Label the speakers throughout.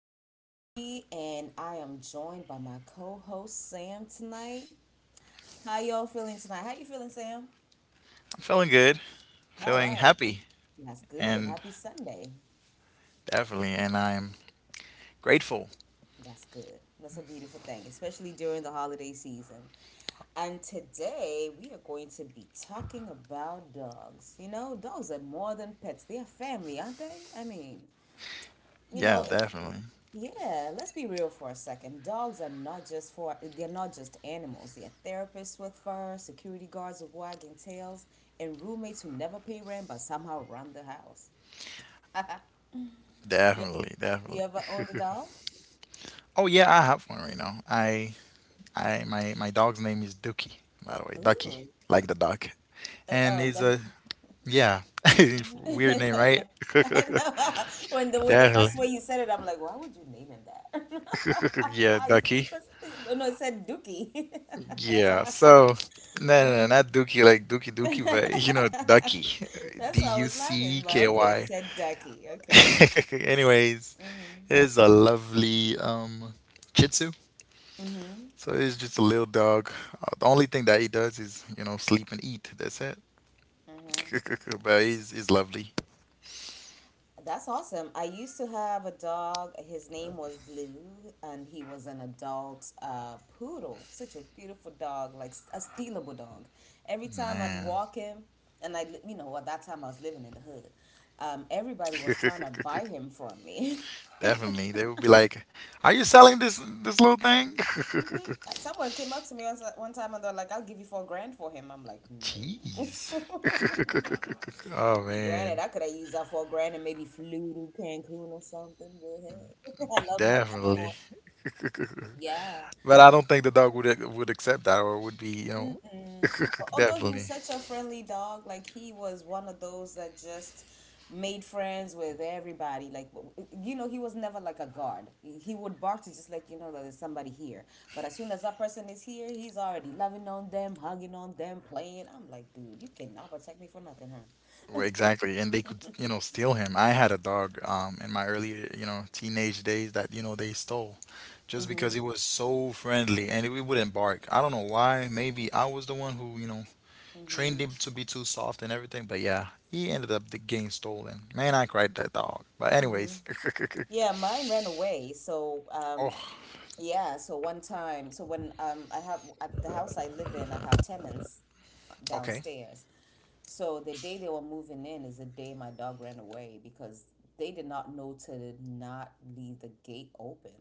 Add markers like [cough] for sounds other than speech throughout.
Speaker 1: is Julie, and I am joined by my co-host Sam tonight. How y'all feeling tonight? How you feeling, Sam?
Speaker 2: Feeling good,
Speaker 1: All
Speaker 2: feeling
Speaker 1: right,
Speaker 2: happy,
Speaker 1: that's good.
Speaker 2: and
Speaker 1: Happy Sunday.
Speaker 2: definitely, and I'm grateful.
Speaker 1: That's good. That's a beautiful thing, especially during the holiday season. And today we are going to be talking about dogs. You know, dogs are more than pets; they are family, aren't they? I mean, you
Speaker 2: Yeah,
Speaker 1: know, if
Speaker 2: definitely,
Speaker 1: yeah, let's be real for a second. Dogs are not just for they're not just animals. They're therapists with fur, security guards with wagging tails, and roommates who never pay rent but somehow run the house. [laughs] Yeah,
Speaker 2: definitely,
Speaker 1: you
Speaker 2: definitely.
Speaker 1: ever owned a dog?
Speaker 2: Oh yeah, I have one right now. My dog's name is Dookie. By the way, Ducky,
Speaker 1: Ooh.
Speaker 2: like the duck,
Speaker 1: Uh,
Speaker 2: and
Speaker 1: oh,
Speaker 2: he's
Speaker 1: that.
Speaker 2: a yeah, [laughs] weird name, right?
Speaker 1: [laughs] I
Speaker 2: [laughs]
Speaker 1: know. [laughs] When the
Speaker 2: Definitely.
Speaker 1: first way
Speaker 2: [laughs]
Speaker 1: you said it, I'm like, why would you name him that? [laughs]
Speaker 2: Yeah,
Speaker 1: I,
Speaker 2: Ducky.
Speaker 1: 'cause- no, no, it said Dookie. [laughs] That's what
Speaker 2: Yeah.
Speaker 1: I.
Speaker 2: So
Speaker 1: [laughs]
Speaker 2: no, no, no, not Dookie like Dookie Dookie, but you
Speaker 1: [laughs]
Speaker 2: know Ducky, D
Speaker 1: That's why I
Speaker 2: U
Speaker 1: was
Speaker 2: C
Speaker 1: laughing, but
Speaker 2: K
Speaker 1: okay,
Speaker 2: Y.
Speaker 1: you said ducky. Okay.
Speaker 2: [laughs] Anyways, is a lovely Chitsu. So he's just a little dog. The only thing that he does is, you know, sleep and eat. That's it. [laughs] But he's lovely.
Speaker 1: That's awesome. I used to have a dog. His name was Blue, and he was an adult poodle. Such a beautiful dog, like a stealable dog. Every time I'd
Speaker 2: Man.
Speaker 1: walk him, and I, you know, at that time I was living in the hood, everybody was trying to buy
Speaker 2: [laughs]
Speaker 1: him from me. [laughs]
Speaker 2: Definitely. They would be like, are you selling this little thing?
Speaker 1: hmm
Speaker 2: [laughs]
Speaker 1: Someone came up to me once, one time and they're like, I'll give you 4 grand for him. I'm like, no.
Speaker 2: Jeez.
Speaker 1: [laughs]
Speaker 2: [laughs] Oh,
Speaker 1: Granted,
Speaker 2: man.
Speaker 1: I could have used that 4 grand and maybe flew to Cancun or something, but hey, [laughs] I love my dog more.
Speaker 2: Definitely. [laughs]
Speaker 1: Yeah.
Speaker 2: But I don't think the dog would accept that or would be, you know.
Speaker 1: Mm-mm.
Speaker 2: [laughs]
Speaker 1: Although he
Speaker 2: Definitely.
Speaker 1: was such a friendly dog, like he was one of those that just made friends with everybody. Like, you know, he was never like a guard. He would bark to just let you know that there's somebody here. But as soon as that person is here, he's already loving on them, hugging on them, playing. I'm like, dude, you cannot protect me for nothing, huh?
Speaker 2: Well, exactly, and they could, you know, steal him. I had a dog in my early, you know, teenage days that, you know, they stole just because he
Speaker 1: [laughs]
Speaker 2: was so friendly and it wouldn't bark. I don't know why. Maybe I was the one who, you know, trained
Speaker 1: Mm-hmm.
Speaker 2: him to be too soft and everything, but yeah, he ended up the game stolen. Man, I cried that dog. But anyways. [laughs]
Speaker 1: Yeah, mine ran away. So,
Speaker 2: Oh,
Speaker 1: yeah, so one time, so when I have the house I live in, I have tenants
Speaker 2: okay.
Speaker 1: downstairs. So the day they were moving in is the day my dog ran away because they did not know to not leave the gate open.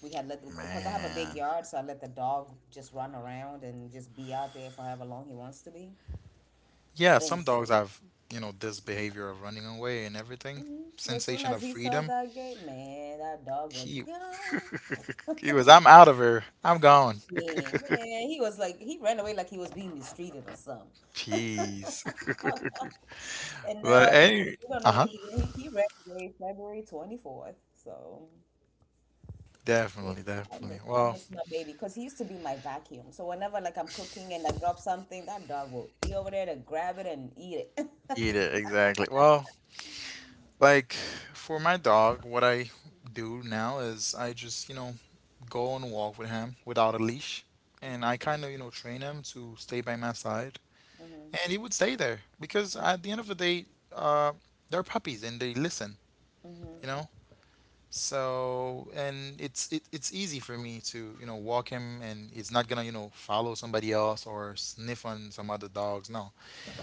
Speaker 1: We had let because I have a big
Speaker 2: Man.
Speaker 1: yard, so I let the dog just run around and just be out there for however long he wants to be.
Speaker 2: Yeah,
Speaker 1: And
Speaker 2: some
Speaker 1: s-
Speaker 2: dogs have, you know, this behavior of running away and everything.
Speaker 1: mhm. As soon
Speaker 2: Sensation
Speaker 1: as
Speaker 2: of
Speaker 1: he saw
Speaker 2: freedom.
Speaker 1: that gate, man, that dog was
Speaker 2: He
Speaker 1: gone. [laughs]
Speaker 2: he was, I'm out of here. I'm gone.
Speaker 1: Yeah, man, he was like he ran away like he was being mistreated or something.
Speaker 2: Jeez.
Speaker 1: [laughs]
Speaker 2: [laughs]
Speaker 1: And now
Speaker 2: But
Speaker 1: it's like
Speaker 2: any,
Speaker 1: we don't know
Speaker 2: uh-huh.
Speaker 1: where he went. He ran away February 24th. So yeah,
Speaker 2: Definitely,
Speaker 1: I
Speaker 2: definitely.
Speaker 1: miss I
Speaker 2: Well,
Speaker 1: miss my baby because he used to be my vacuum. So whenever like I'm cooking and I drop something, that dog will be over there to grab it and eat it. [laughs]
Speaker 2: eat it, exactly. Well, like for my dog, what I do now is I just, you know, go on a walk with him without a leash, and I kind of, you know, train him to stay by my side, and he would stay there because at the end of the day, uh, they're puppies and they listen, you know? So and it's easy for me to, you know, walk him, and he's not gonna, you know, follow somebody else or sniff on some other dogs. No,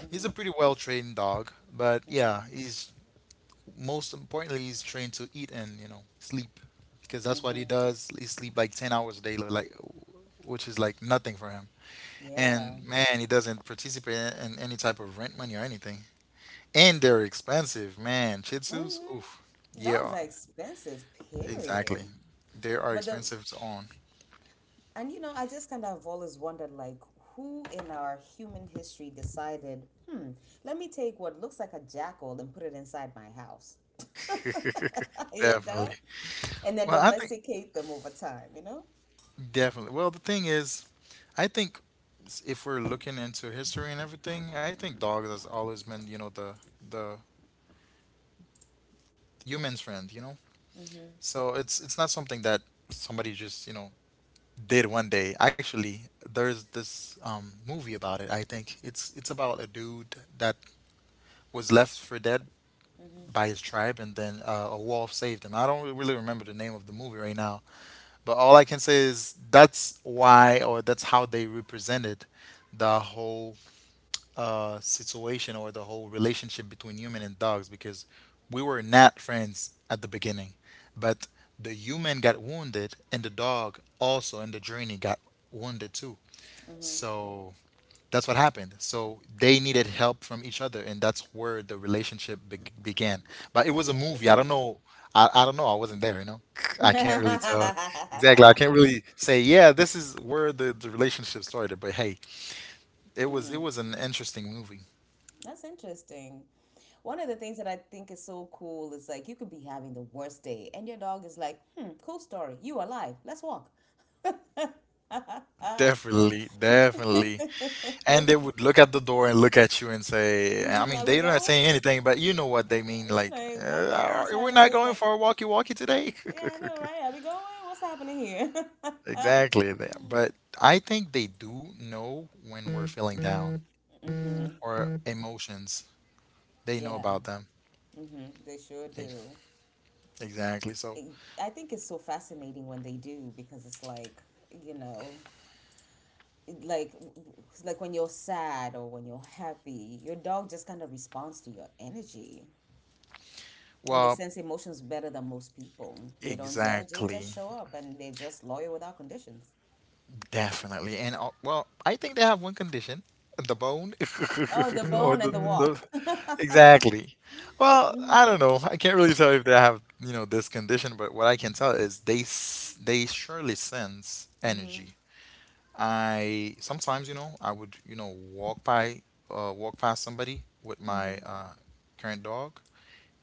Speaker 2: he's a pretty well trained dog, but yeah, he's most importantly he's trained to eat and, you know, sleep because that's what he
Speaker 1: Mm-hmm.
Speaker 2: does. He sleep like 10 hours a day, like which is like nothing for him.
Speaker 1: Yeah.
Speaker 2: And man, he doesn't participate in any type of rent money or anything. And they're expensive, man. Shih Tzus, oof,
Speaker 1: Mm-hmm. Dogs
Speaker 2: yeah,
Speaker 1: are expensive,
Speaker 2: exactly.
Speaker 1: period.
Speaker 2: They are
Speaker 1: But the.
Speaker 2: expensive to own.
Speaker 1: And you know, I just kind of always wondered like who in our human history decided, hmm, let me take what looks like a jackal and put it inside my house. [laughs] You
Speaker 2: Definitely.
Speaker 1: know? And then
Speaker 2: Well, I think
Speaker 1: domesticate them over time, you know?
Speaker 2: definitely. Well, the thing is, I think if we're looking into history and everything, I think dog has always been, you know, the human's friend, you know? So it's not something that somebody just, you know, did one day. Actually, there's this movie about it, I think. It's about a dude that was left for dead by his tribe and then a wolf saved him. I don't really remember the name of the movie right now, but all I can say is that's why or that's how they represented the whole situation or the whole relationship between human and dogs because we were not friends at the beginning. But the human got wounded and the dog also in the journey got wounded too. So that's what happened. So they needed help from each other, and that's where the relationship began. But it
Speaker 1: That
Speaker 2: was
Speaker 1: is
Speaker 2: a movie. I don't
Speaker 1: interesting.
Speaker 2: know. I
Speaker 1: Mhm.
Speaker 2: don't know. I wasn't there. You know, I can't really tell exactly. I
Speaker 1: [laughs]
Speaker 2: can't really say. Yeah, this is where the relationship started. But hey, it was it
Speaker 1: Mhm.
Speaker 2: was an interesting movie.
Speaker 1: That's interesting. One of the things that I think is so cool is like you could be having the worst day and your dog is like, hmm, cool story. You alive. Let's walk. [laughs]
Speaker 2: Definitely, definitely. And they would look at the door and look at you and say, I
Speaker 1: Mhm, [laughs]
Speaker 2: mean,
Speaker 1: are we
Speaker 2: they don't
Speaker 1: going?
Speaker 2: say anything, but you know what they mean.
Speaker 1: You
Speaker 2: Like,
Speaker 1: know exactly what he's
Speaker 2: we're
Speaker 1: trying to say.
Speaker 2: not
Speaker 1: It's
Speaker 2: going
Speaker 1: like,
Speaker 2: for a walkie walkie today.
Speaker 1: yeah, I know,
Speaker 2: [laughs]
Speaker 1: right? Are we going? What's happening here? [laughs]
Speaker 2: Exactly. But I think they do know when we're feeling down or emotions. They know
Speaker 1: Yeah.
Speaker 2: about them.
Speaker 1: hmm They sure
Speaker 2: E-
Speaker 1: do.
Speaker 2: Exactly. So,
Speaker 1: It, I think it's so fascinating when they do because it's like, you know, like it's like when you're sad or when you're happy, your dog just kind of responds to your energy. And they
Speaker 2: well,
Speaker 1: sense emotions better than most people. They don't judge, they
Speaker 2: exactly.
Speaker 1: just show up and they're just loyal without conditions.
Speaker 2: Definitely. And well, I think they have one condition, the bone [laughs]
Speaker 1: Oh, the
Speaker 2: or
Speaker 1: bone and the
Speaker 2: the
Speaker 1: walk. [laughs]
Speaker 2: exactly. Well, I don't know. I can't really tell if they have, you know, this condition, but what I can tell is they surely sense energy. I sometimes, you know, I would, you know, walk past somebody with my current dog,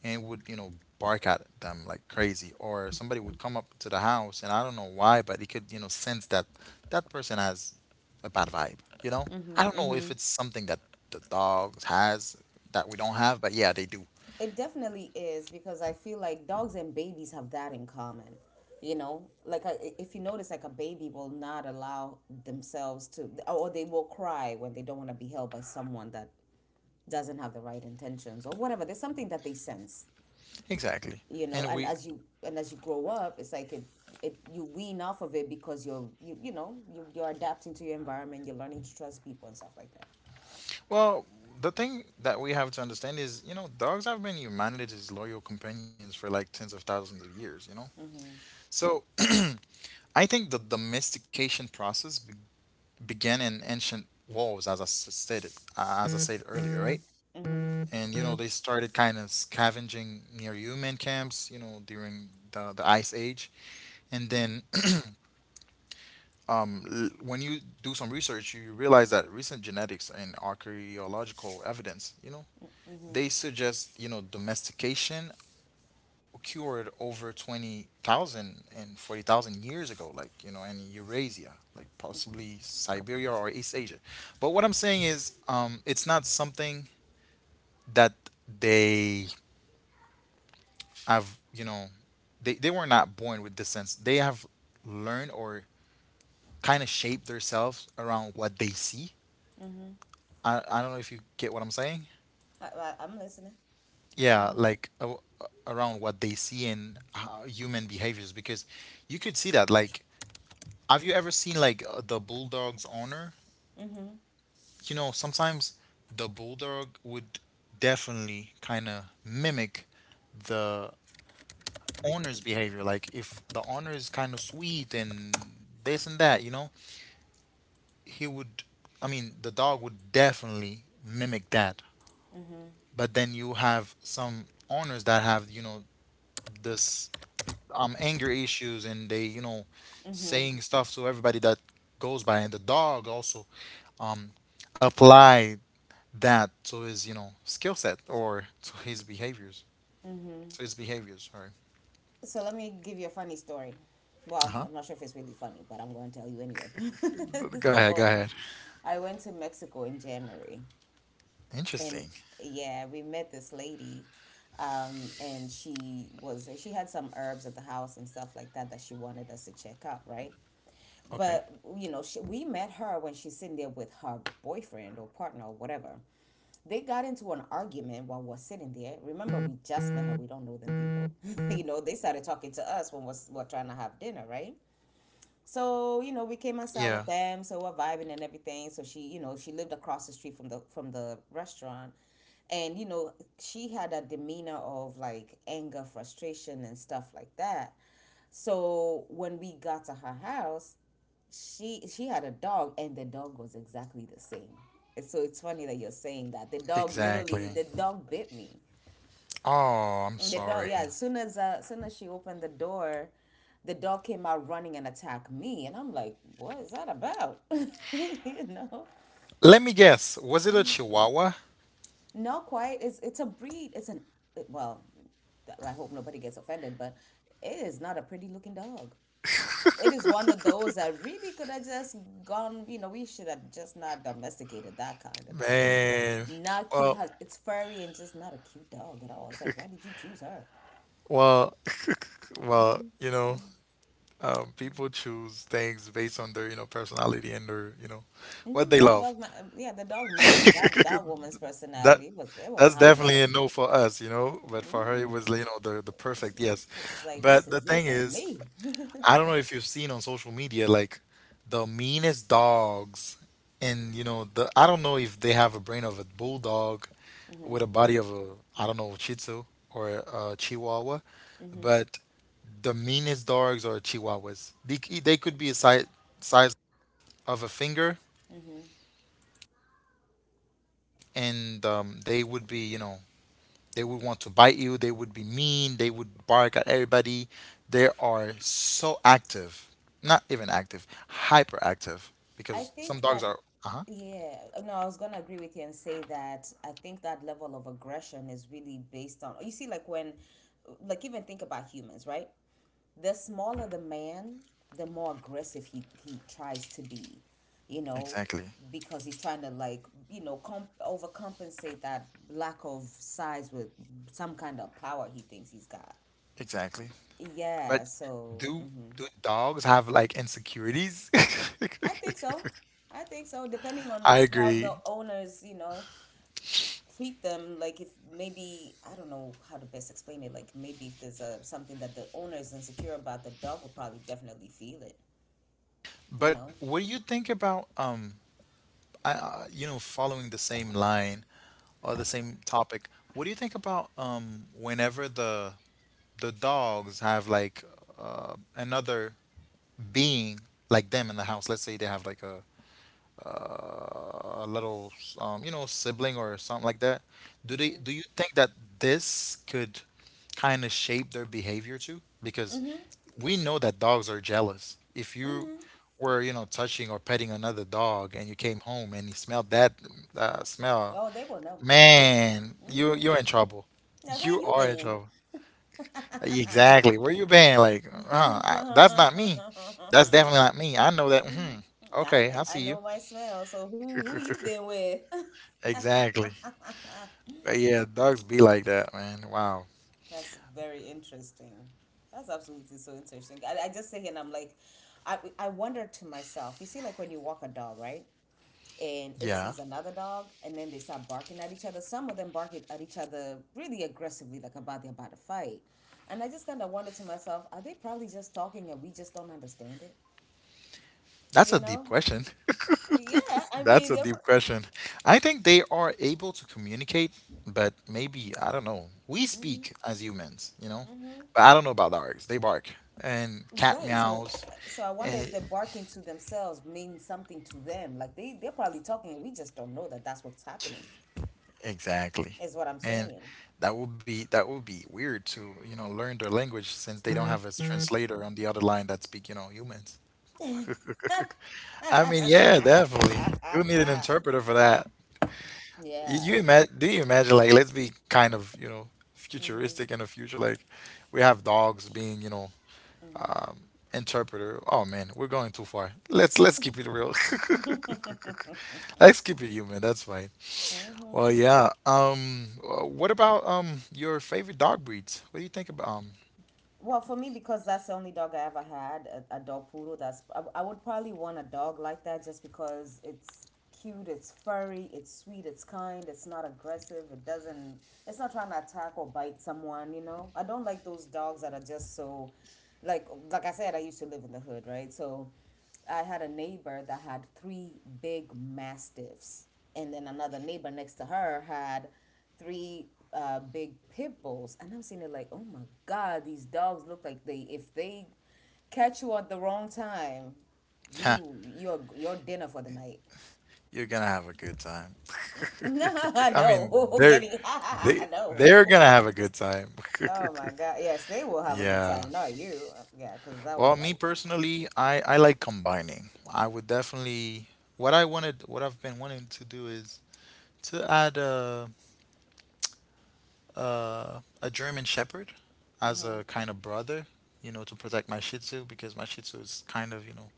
Speaker 2: and would, you know, bark at them like crazy, or somebody would come up to the house, and I don't know why, but he could, you know, sense that that person has a bad vibe, you know. I don't know if it's something that the dogs has that we don't have, but yeah, they do.
Speaker 1: It definitely is because I feel like dogs and babies have that in common. You know, like I, if you notice, like a baby will not allow themselves to, or they will cry when they don't want to be held by someone that doesn't have the right intentions or whatever. There's something that they sense,
Speaker 2: Exactly.
Speaker 1: you know.
Speaker 2: And
Speaker 1: And
Speaker 2: we
Speaker 1: as you grow up, it's like it you wean off of it because you're adapting to your environment. You're learning to trust people and stuff like that.
Speaker 2: well, the thing that we have to understand is, you know, dogs have been humanity's loyal companions for like tens of thousands of years, you know. So I think the domestication process began in ancient walls, as I stated, as I said earlier, right? And, you know, they started kind of scavenging near human camps, you know, during the Ice Age. And then [clears throat] when you do some research, you realize that recent genetics and archaeological evidence, you know, they suggest, you know, domestication occurred over 20,000 and 40,000 years ago, like, you know, in Eurasia, like possibly Siberia or East Asia. But what I'm saying is, it's not something that they have, you know, they were not born with this sense. They have learned or kind of shaped themselves around what they see. I don't know if you get what I'm saying.
Speaker 1: I'm listening.
Speaker 2: Yeah, like around what they see in human behaviors, because you could see that, like, have you ever seen like the bulldog's owner? You know, sometimes the bulldog would definitely kind of mimic the owner's behavior. Like, if the owner is kind of sweet and this and that, you know, he would, I mean, the dog would definitely mimic that. But then you have some owners that have, you know, this anger issues, and they, you know, saying stuff to everybody that goes by, and the dog also um applied that to his, you know, skill set or to his behaviors, sorry.
Speaker 1: So let me give you a funny story. Well,
Speaker 2: Uh-huh.
Speaker 1: I'm not sure if it's really funny, but I'm going to tell you anyway. [laughs]
Speaker 2: Go ahead, go
Speaker 1: So
Speaker 2: ahead.
Speaker 1: I went to Mexico in January, and
Speaker 2: Interesting.
Speaker 1: yeah, we met this lady, and she had some herbs at the house and stuff like that that she wanted us to check out, right?
Speaker 2: Okay.
Speaker 1: But you know, we met her when she's sitting there with her boyfriend or partner or whatever, they got into an argument while we're sitting there. Remember, we just met her. We don't know them people. [laughs] You know, they started talking to us when we're trying to have dinner, right? So you know, we came
Speaker 2: Yeah,
Speaker 1: inside with them, so we're vibing and everything. So she lived across the street from the restaurant, and you know, she had a demeanor of like anger, frustration, and stuff like that. So when we got to her house, she had a dog, and the dog was exactly the same. And so it's funny that you're saying that the dog
Speaker 2: exactly.
Speaker 1: literally the dog bit me.
Speaker 2: Oh, I'm
Speaker 1: The dog,
Speaker 2: sorry.
Speaker 1: yeah. As soon as she opened the door, the dog came out running and attacked me, and I'm like, "What is that about?" [laughs] You know,
Speaker 2: Let me guess, was it a Chihuahua?
Speaker 1: not quite. It's a breed. Well. I hope nobody gets offended, but it is not a pretty looking dog. It is one of those that really could have just gone. You know, we should have just not domesticated that kind of dog. He's
Speaker 2: Man.
Speaker 1: not cute.
Speaker 2: well
Speaker 1: It's furry and just not a cute dog at all. It's like, why did you choose her?
Speaker 2: well [laughs] well, you know. People choose things based on their, you know, personality and their, you know, what
Speaker 1: Mhm,
Speaker 2: they
Speaker 1: that
Speaker 2: love.
Speaker 1: dog, ma yeah, the dog matched that woman's
Speaker 2: That
Speaker 1: personality. It was a
Speaker 2: that's
Speaker 1: hot
Speaker 2: definitely a
Speaker 1: mess.
Speaker 2: no for us, you know. But for her, it was,
Speaker 1: Mm-mm.
Speaker 2: you know, the
Speaker 1: She,
Speaker 2: perfect yes.
Speaker 1: she was like, "This
Speaker 2: But the
Speaker 1: is it
Speaker 2: thing
Speaker 1: for
Speaker 2: is,
Speaker 1: me." [laughs]
Speaker 2: I don't know if you've seen on social media, like the meanest dogs, and, you know, the I don't know if they have a brain of a bulldog with a body of a, I don't know, Shih Tzu or a Chihuahua, but the meanest dogs are Chihuahuas. They could be a size of a finger, and they would be, you know, they would want to bite you. They would be mean. They would bark at everybody. They are so active, not even active, hyperactive,
Speaker 1: I
Speaker 2: because some
Speaker 1: think
Speaker 2: dogs
Speaker 1: that,
Speaker 2: are. Uh huh.
Speaker 1: yeah, no, I was gonna agree with you and say that I think that level of aggression is really based on. You see, like when, like even think about humans, right? The smaller the man, the more aggressive he tries to be, you know,
Speaker 2: Exactly.
Speaker 1: because he's trying to like, you know, overcompensate that lack of size with some kind of power he thinks he's got.
Speaker 2: Exactly. But
Speaker 1: Yeah, so
Speaker 2: do
Speaker 1: hmm
Speaker 2: do dogs have like insecurities?
Speaker 1: I think so. I think so. Depending
Speaker 2: [laughs]
Speaker 1: on
Speaker 2: I
Speaker 1: how
Speaker 2: agree.
Speaker 1: the owners, you know, treat them, like if maybe I don't know how to best explain it. Like maybe if there's a, something that the owner is insecure about, the dog will probably definitely feel it. You
Speaker 2: But
Speaker 1: know.
Speaker 2: what do you think about I, you know, following the same line or the same topic? What do you think about whenever the dogs have like another being like them in the house. Let's say they have like a little, you know, sibling or something like that. Do you think that this could kind of shape their behavior too? Because
Speaker 1: Mm-hmm.
Speaker 2: we know that dogs are jealous. If you
Speaker 1: Mm-hmm.
Speaker 2: were, you know, touching or petting another dog and you came home and you smelled that smell,
Speaker 1: Oh, they will know.
Speaker 2: man, you
Speaker 1: Mm-hmm.
Speaker 2: you're in trouble.
Speaker 1: Like, where
Speaker 2: You
Speaker 1: you
Speaker 2: are in
Speaker 1: been?
Speaker 2: trouble.
Speaker 1: [laughs]
Speaker 2: Exactly. Where you been? Like,
Speaker 1: hmm
Speaker 2: that's not me. That's definitely not me. I know that. Hmm. Okay, I
Speaker 1: I I
Speaker 2: see you.
Speaker 1: know my smell. So who you been with?
Speaker 2: Exactly.
Speaker 1: [laughs]
Speaker 2: But yeah, dogs be like that, man. Wow.
Speaker 1: That's very interesting. That's absolutely so interesting. I just sit here and I'm like, I wonder to myself. You see, like when you walk a dog, right? And it
Speaker 2: Yeah.
Speaker 1: sees another dog and then they start barking at each other, some of them bark it at each other really aggressively like about they're about to fight, and I just kind of wondered to myself, are they probably just talking and we just don't understand it,
Speaker 2: That's
Speaker 1: you
Speaker 2: a deep
Speaker 1: know?
Speaker 2: question.
Speaker 1: Yeah, I
Speaker 2: [laughs] That's
Speaker 1: mean
Speaker 2: a deep question. I think they are able to communicate, but maybe, I don't know. We speak as humans, you know? But I don't know about dogs. They bark and cat
Speaker 1: right, so
Speaker 2: meows.
Speaker 1: so I wonder if
Speaker 2: And
Speaker 1: they're barking to themselves means something to them, like they they're probably talking and we just don't know that that's what's happening
Speaker 2: Exactly.
Speaker 1: is what I'm
Speaker 2: And
Speaker 1: saying.
Speaker 2: that would be weird to, you know, learn their language, since they don't have a translator on the other line that speak, you know, humans.
Speaker 1: [laughs]
Speaker 2: I mean, yeah, definitely. You would need an interpreter for that. Y-
Speaker 1: Yeah.
Speaker 2: You imagine, do you imagine, like, let's be kind of, you know, futuristic in the future, like we have dogs being, you know, interpreter. Oh man, we're going too far. Let's keep it real.
Speaker 1: [laughs]
Speaker 2: [laughs] Let's keep it human. That's fine.
Speaker 1: hmm
Speaker 2: Well, yeah. What about your favorite dog breeds? What do you think about? [laughs]
Speaker 1: Well, for me, because that's the only dog I ever had, a dog poodle. That's I would probably want a dog like that just because it's cute, it's furry, it's sweet, it's kind, it's not aggressive, it's not trying to attack or bite someone. You know, I don't like those dogs that are just so, like I said, I used to live in the hood, right? So I had a neighbor that had three big mastiffs, and then another neighbor next to her had three big pit bulls. And I'm seeing it like, oh my god, these dogs look like they if they catch you at the wrong time, you're your dinner for the night.
Speaker 2: You're gonna have a good time.
Speaker 1: [laughs]
Speaker 2: [laughs] I mean,
Speaker 1: No, [laughs]
Speaker 2: they're
Speaker 1: getting
Speaker 2: they
Speaker 1: [laughs]
Speaker 2: they're
Speaker 1: no.
Speaker 2: gonna have a good time. [laughs]
Speaker 1: Oh my god, yes, they will have a good
Speaker 2: Yeah.
Speaker 1: time. Not you, yeah, because I
Speaker 2: Well,
Speaker 1: was
Speaker 2: me
Speaker 1: like.
Speaker 2: personally, I like combining. I would definitely what I've been wanting to do is to add a German Shepherd as a kind of brother, to protect my Shih Tzu because my Shih Tzu is kind of,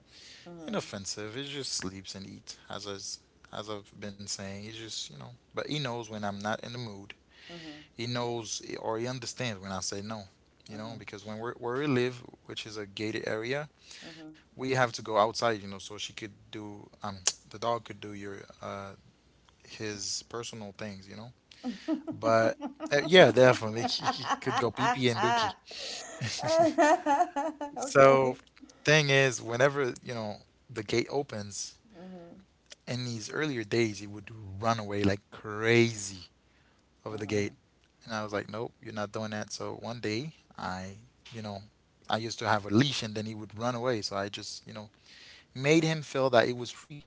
Speaker 1: Mm-hmm,
Speaker 2: inoffensive. He just sleeps and eats, as I've been saying. He just, you know, but he knows when I'm not in the mood.
Speaker 1: mm-hmm,
Speaker 2: He knows or he understands when I say no. You
Speaker 1: mm-hmm,
Speaker 2: know, because when we're where we live, which is a gated area,
Speaker 1: mm-hmm.
Speaker 2: we have to go outside. You know, so she could do the dog could do your his personal things. You know,
Speaker 1: [laughs]
Speaker 2: but uh, yeah, definitely [laughs] he could go pee pee and dookie. [laughs] So
Speaker 1: Okay. [laughs]
Speaker 2: thing is, whenever the gate opens, in these earlier days, he would run away like crazy over the gate. And I was like, nope, you're not doing that. So one day, you know, I used to have a leash and then he would run away. So I just, made him feel that it was free.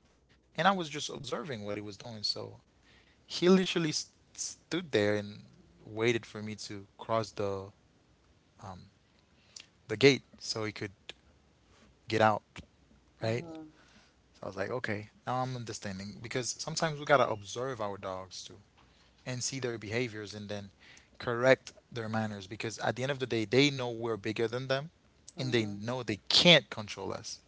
Speaker 2: And I was just observing what he was doing. So he literally s stood there and waited for me to cross um, the gate so he could get out, right? So I was like, okay, now I'm understanding because sometimes we gotta observe our dogs too, and see their behaviors and then correct their manners because at the end of the day they know we're bigger than them and they know they can't control us.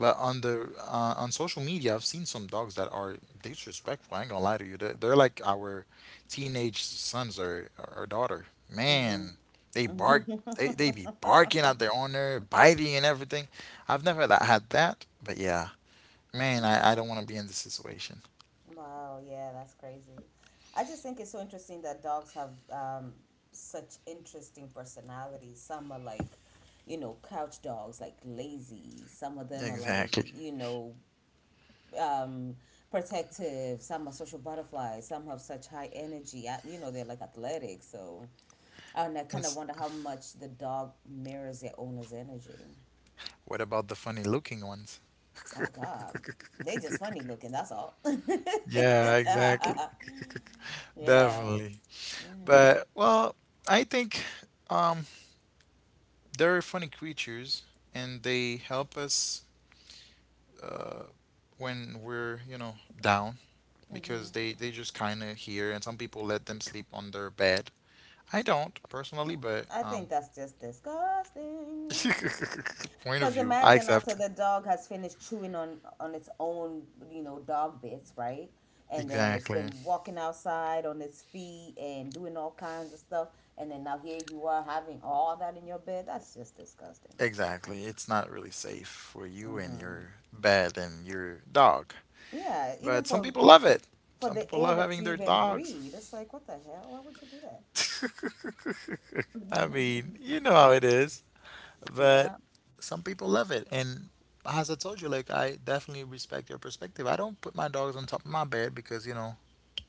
Speaker 2: But on the on social media, I've seen some dogs that are disrespectful. I ain't gonna lie to you, they're like our teenage sons, or daughter, man. They bark, they be barking at their owner, biting and everything. I've never had that, but yeah, man,
Speaker 1: Mhm.
Speaker 2: I don't want to be in this situation.
Speaker 1: Wow, yeah, that's crazy. I just think it's so interesting that dogs have such interesting personalities. Some are like, you know, couch dogs, like lazy. Some of
Speaker 2: So
Speaker 1: them are like,
Speaker 2: exactly.
Speaker 1: you know, um, protective. Some are social butterflies. Some have such high energy. You know, they're like athletic. So, and I
Speaker 2: and
Speaker 1: kind of
Speaker 2: s-
Speaker 1: wonder how much the dog mirrors their owner's energy.
Speaker 2: What about the funny looking ones? [laughs]
Speaker 1: Oh God, they just funny looking. That's all.
Speaker 2: Yeah, exactly.
Speaker 1: [laughs]
Speaker 2: [laughs]
Speaker 1: Yeah,
Speaker 2: Definitely. But well, I think um, they're funny creatures and they help us uh, when we're, you know, down because they just kind of hear and some people let them sleep on their bed. I don't personally, but
Speaker 1: I think that's just disgusting.
Speaker 2: [laughs] point of
Speaker 1: Because
Speaker 2: view, I
Speaker 1: imagine
Speaker 2: accept.
Speaker 1: after the dog has finished chewing on its own, you know, dog bits, right? And then it's
Speaker 2: Exactly.
Speaker 1: been walking outside on its feet and doing all kinds of stuff, and then now here you are having all that in your bed. That's just disgusting.
Speaker 2: Exactly. It's not really safe for you and
Speaker 1: Mm-hmm.
Speaker 2: your bed and your dog.
Speaker 1: Yeah, even
Speaker 2: But some
Speaker 1: for
Speaker 2: people love it.
Speaker 1: for
Speaker 2: Some
Speaker 1: the
Speaker 2: people
Speaker 1: air
Speaker 2: love
Speaker 1: that
Speaker 2: having
Speaker 1: you
Speaker 2: their
Speaker 1: even
Speaker 2: dogs.
Speaker 1: breathe, it's like what the hell? Why would you do that?
Speaker 2: [laughs] I mean, you know how it is. But
Speaker 1: Yeah.
Speaker 2: some people love it. And as I told you, like, I definitely respect your perspective. I don't put my dogs on top of my bed because, you know,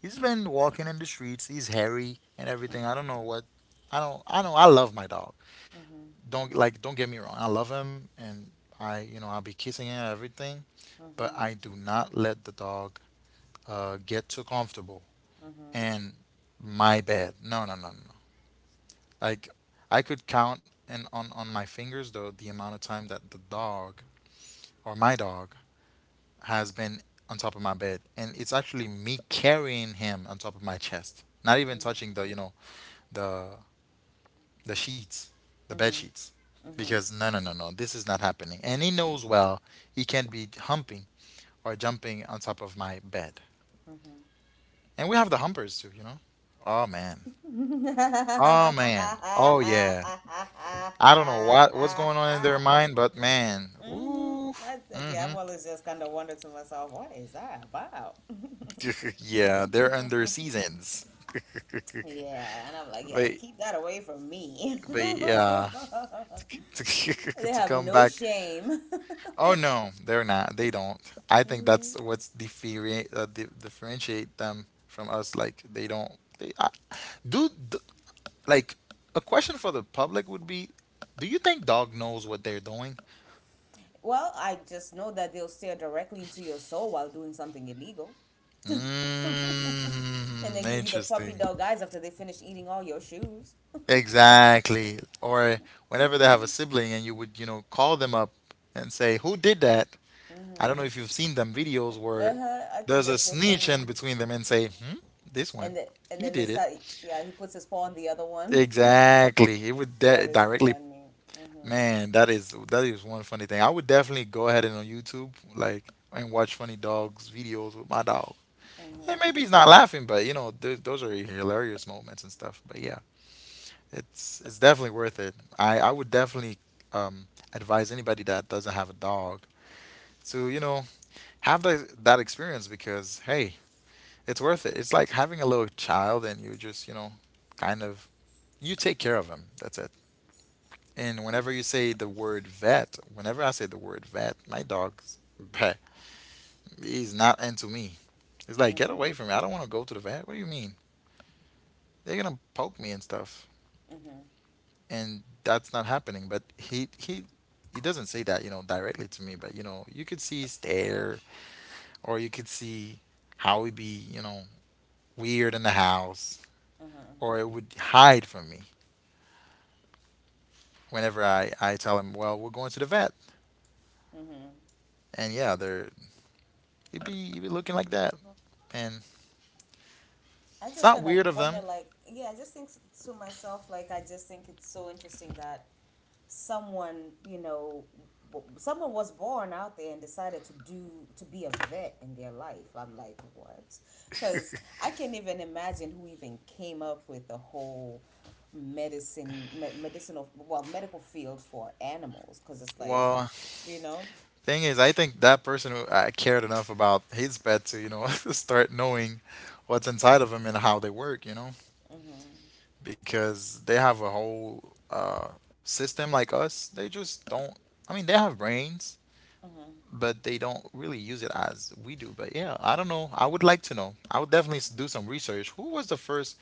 Speaker 2: he's been walking in the streets. He's hairy and everything. I don't know what. I don't, I know I love my dog.
Speaker 1: Mm-hmm.
Speaker 2: Don't get me wrong, I love him, and I you know I'll be kissing him and everything, but
Speaker 1: Mm-hmm.
Speaker 2: I do not let the dog get too comfortable. And my bad, no, no, no, no, no. Like, I could count and on my fingers though the amount of time that the dog or my dog has been on top of my bed, and it's actually me carrying him on top of my chest, not even
Speaker 1: Mm-hmm.
Speaker 2: touching the, you know, the the sheets, the bed
Speaker 1: Mm-hmm.
Speaker 2: sheets,
Speaker 1: Mm-hmm.
Speaker 2: because no, no, no, no, this is not happening. And he knows well he can't be humping or jumping on top of my bed. And we have the humpers too, you know. Oh man,
Speaker 1: Mm-hmm.
Speaker 2: oh man, oh yeah. I don't know what's going on in their
Speaker 1: [laughs]
Speaker 2: mind, but man,
Speaker 1: Mm-hmm.
Speaker 2: ooh,
Speaker 1: I, yeah, I've
Speaker 2: hmm
Speaker 1: always just kind of wondered to myself, what is that about? [laughs]
Speaker 2: [laughs] yeah, they're under seasons. [laughs]
Speaker 1: Yeah, and I'm like, yeah,
Speaker 2: They,
Speaker 1: keep that away from me. [laughs]
Speaker 2: yeah, [laughs]
Speaker 1: They
Speaker 2: to
Speaker 1: have
Speaker 2: come
Speaker 1: no
Speaker 2: back.
Speaker 1: shame.
Speaker 2: Oh
Speaker 1: [laughs]
Speaker 2: no, they're not. They don't. I think
Speaker 1: Mhm.
Speaker 2: that's what's differentiate them from us. Like, they don't. They I, do, d Like, a question for the public would be, do you think dog knows what they're doing?
Speaker 1: Well, I just know that they'll stare directly into your soul while doing something illegal. [laughs] And
Speaker 2: Mm,
Speaker 1: then give you the puppy
Speaker 2: interesting.
Speaker 1: dog eyes after they finish eating all your shoes.
Speaker 2: Exactly. Or whenever they have a sibling and you would, call them up and say, "Who did that?" I don't know if you've seen them videos where
Speaker 1: Uh-huh. I think
Speaker 2: there's a
Speaker 1: that's so
Speaker 2: snitch in
Speaker 1: funny.
Speaker 2: between them and say, "Hmm, this one,
Speaker 1: And the, and
Speaker 2: he
Speaker 1: then they
Speaker 2: did it."
Speaker 1: start, Yeah, he puts his paw on the other one. [laughs]
Speaker 2: Exactly. It would
Speaker 1: That
Speaker 2: de
Speaker 1: is
Speaker 2: directly,
Speaker 1: funny.
Speaker 2: man, that is one funny thing. I would definitely go ahead and on YouTube, like, and watch funny dogs videos with my dog. And maybe he's not laughing, but you know, th those are hilarious moments and stuff. But yeah, it's definitely worth it. I would definitely advise anybody that doesn't have a dog to, you know, have that experience because hey, it's worth it. It's like having a little child and you just, kind of you take care of him. That's it. And whenever you say the word vet, whenever I say the word vet, my dog's [laughs] bruh, he's not into me. It's like, get
Speaker 1: Mm-hmm.
Speaker 2: away from me. I don't want to go to the vet. What do you mean? They're gonna poke me and stuff.
Speaker 1: Mm-hmm.
Speaker 2: And that's not happening. But he doesn't say that, you know, directly to me, but you know, you could see his stare or you could see how he'd be, you know, weird in the house. Or it would hide from me whenever I tell him, well, we're going to the vet. And yeah, they're he'd be looking like that. And
Speaker 1: I
Speaker 2: it's
Speaker 1: just
Speaker 2: not
Speaker 1: kind of
Speaker 2: weird of
Speaker 1: wonder,
Speaker 2: them.
Speaker 1: like, yeah, I just think s- to myself, like, I just think it's so interesting that someone, you know, someone was born out there and decided to be a vet in their life. I'm like, what? Because I can't even imagine who even came up with the whole medicinal, well, medical field for animals. Because it's like,
Speaker 2: Well,
Speaker 1: you know,
Speaker 2: thing is, I think that person who cared enough about his pet to, you know, [laughs] start knowing what's inside of them and how they work, you know, because they have a whole system like us. They just don't. I mean, they have brains,
Speaker 1: mm-hmm,
Speaker 2: but they don't really use it as we do. But yeah, I don't know. I would like to know. I would definitely do some research. Who was the first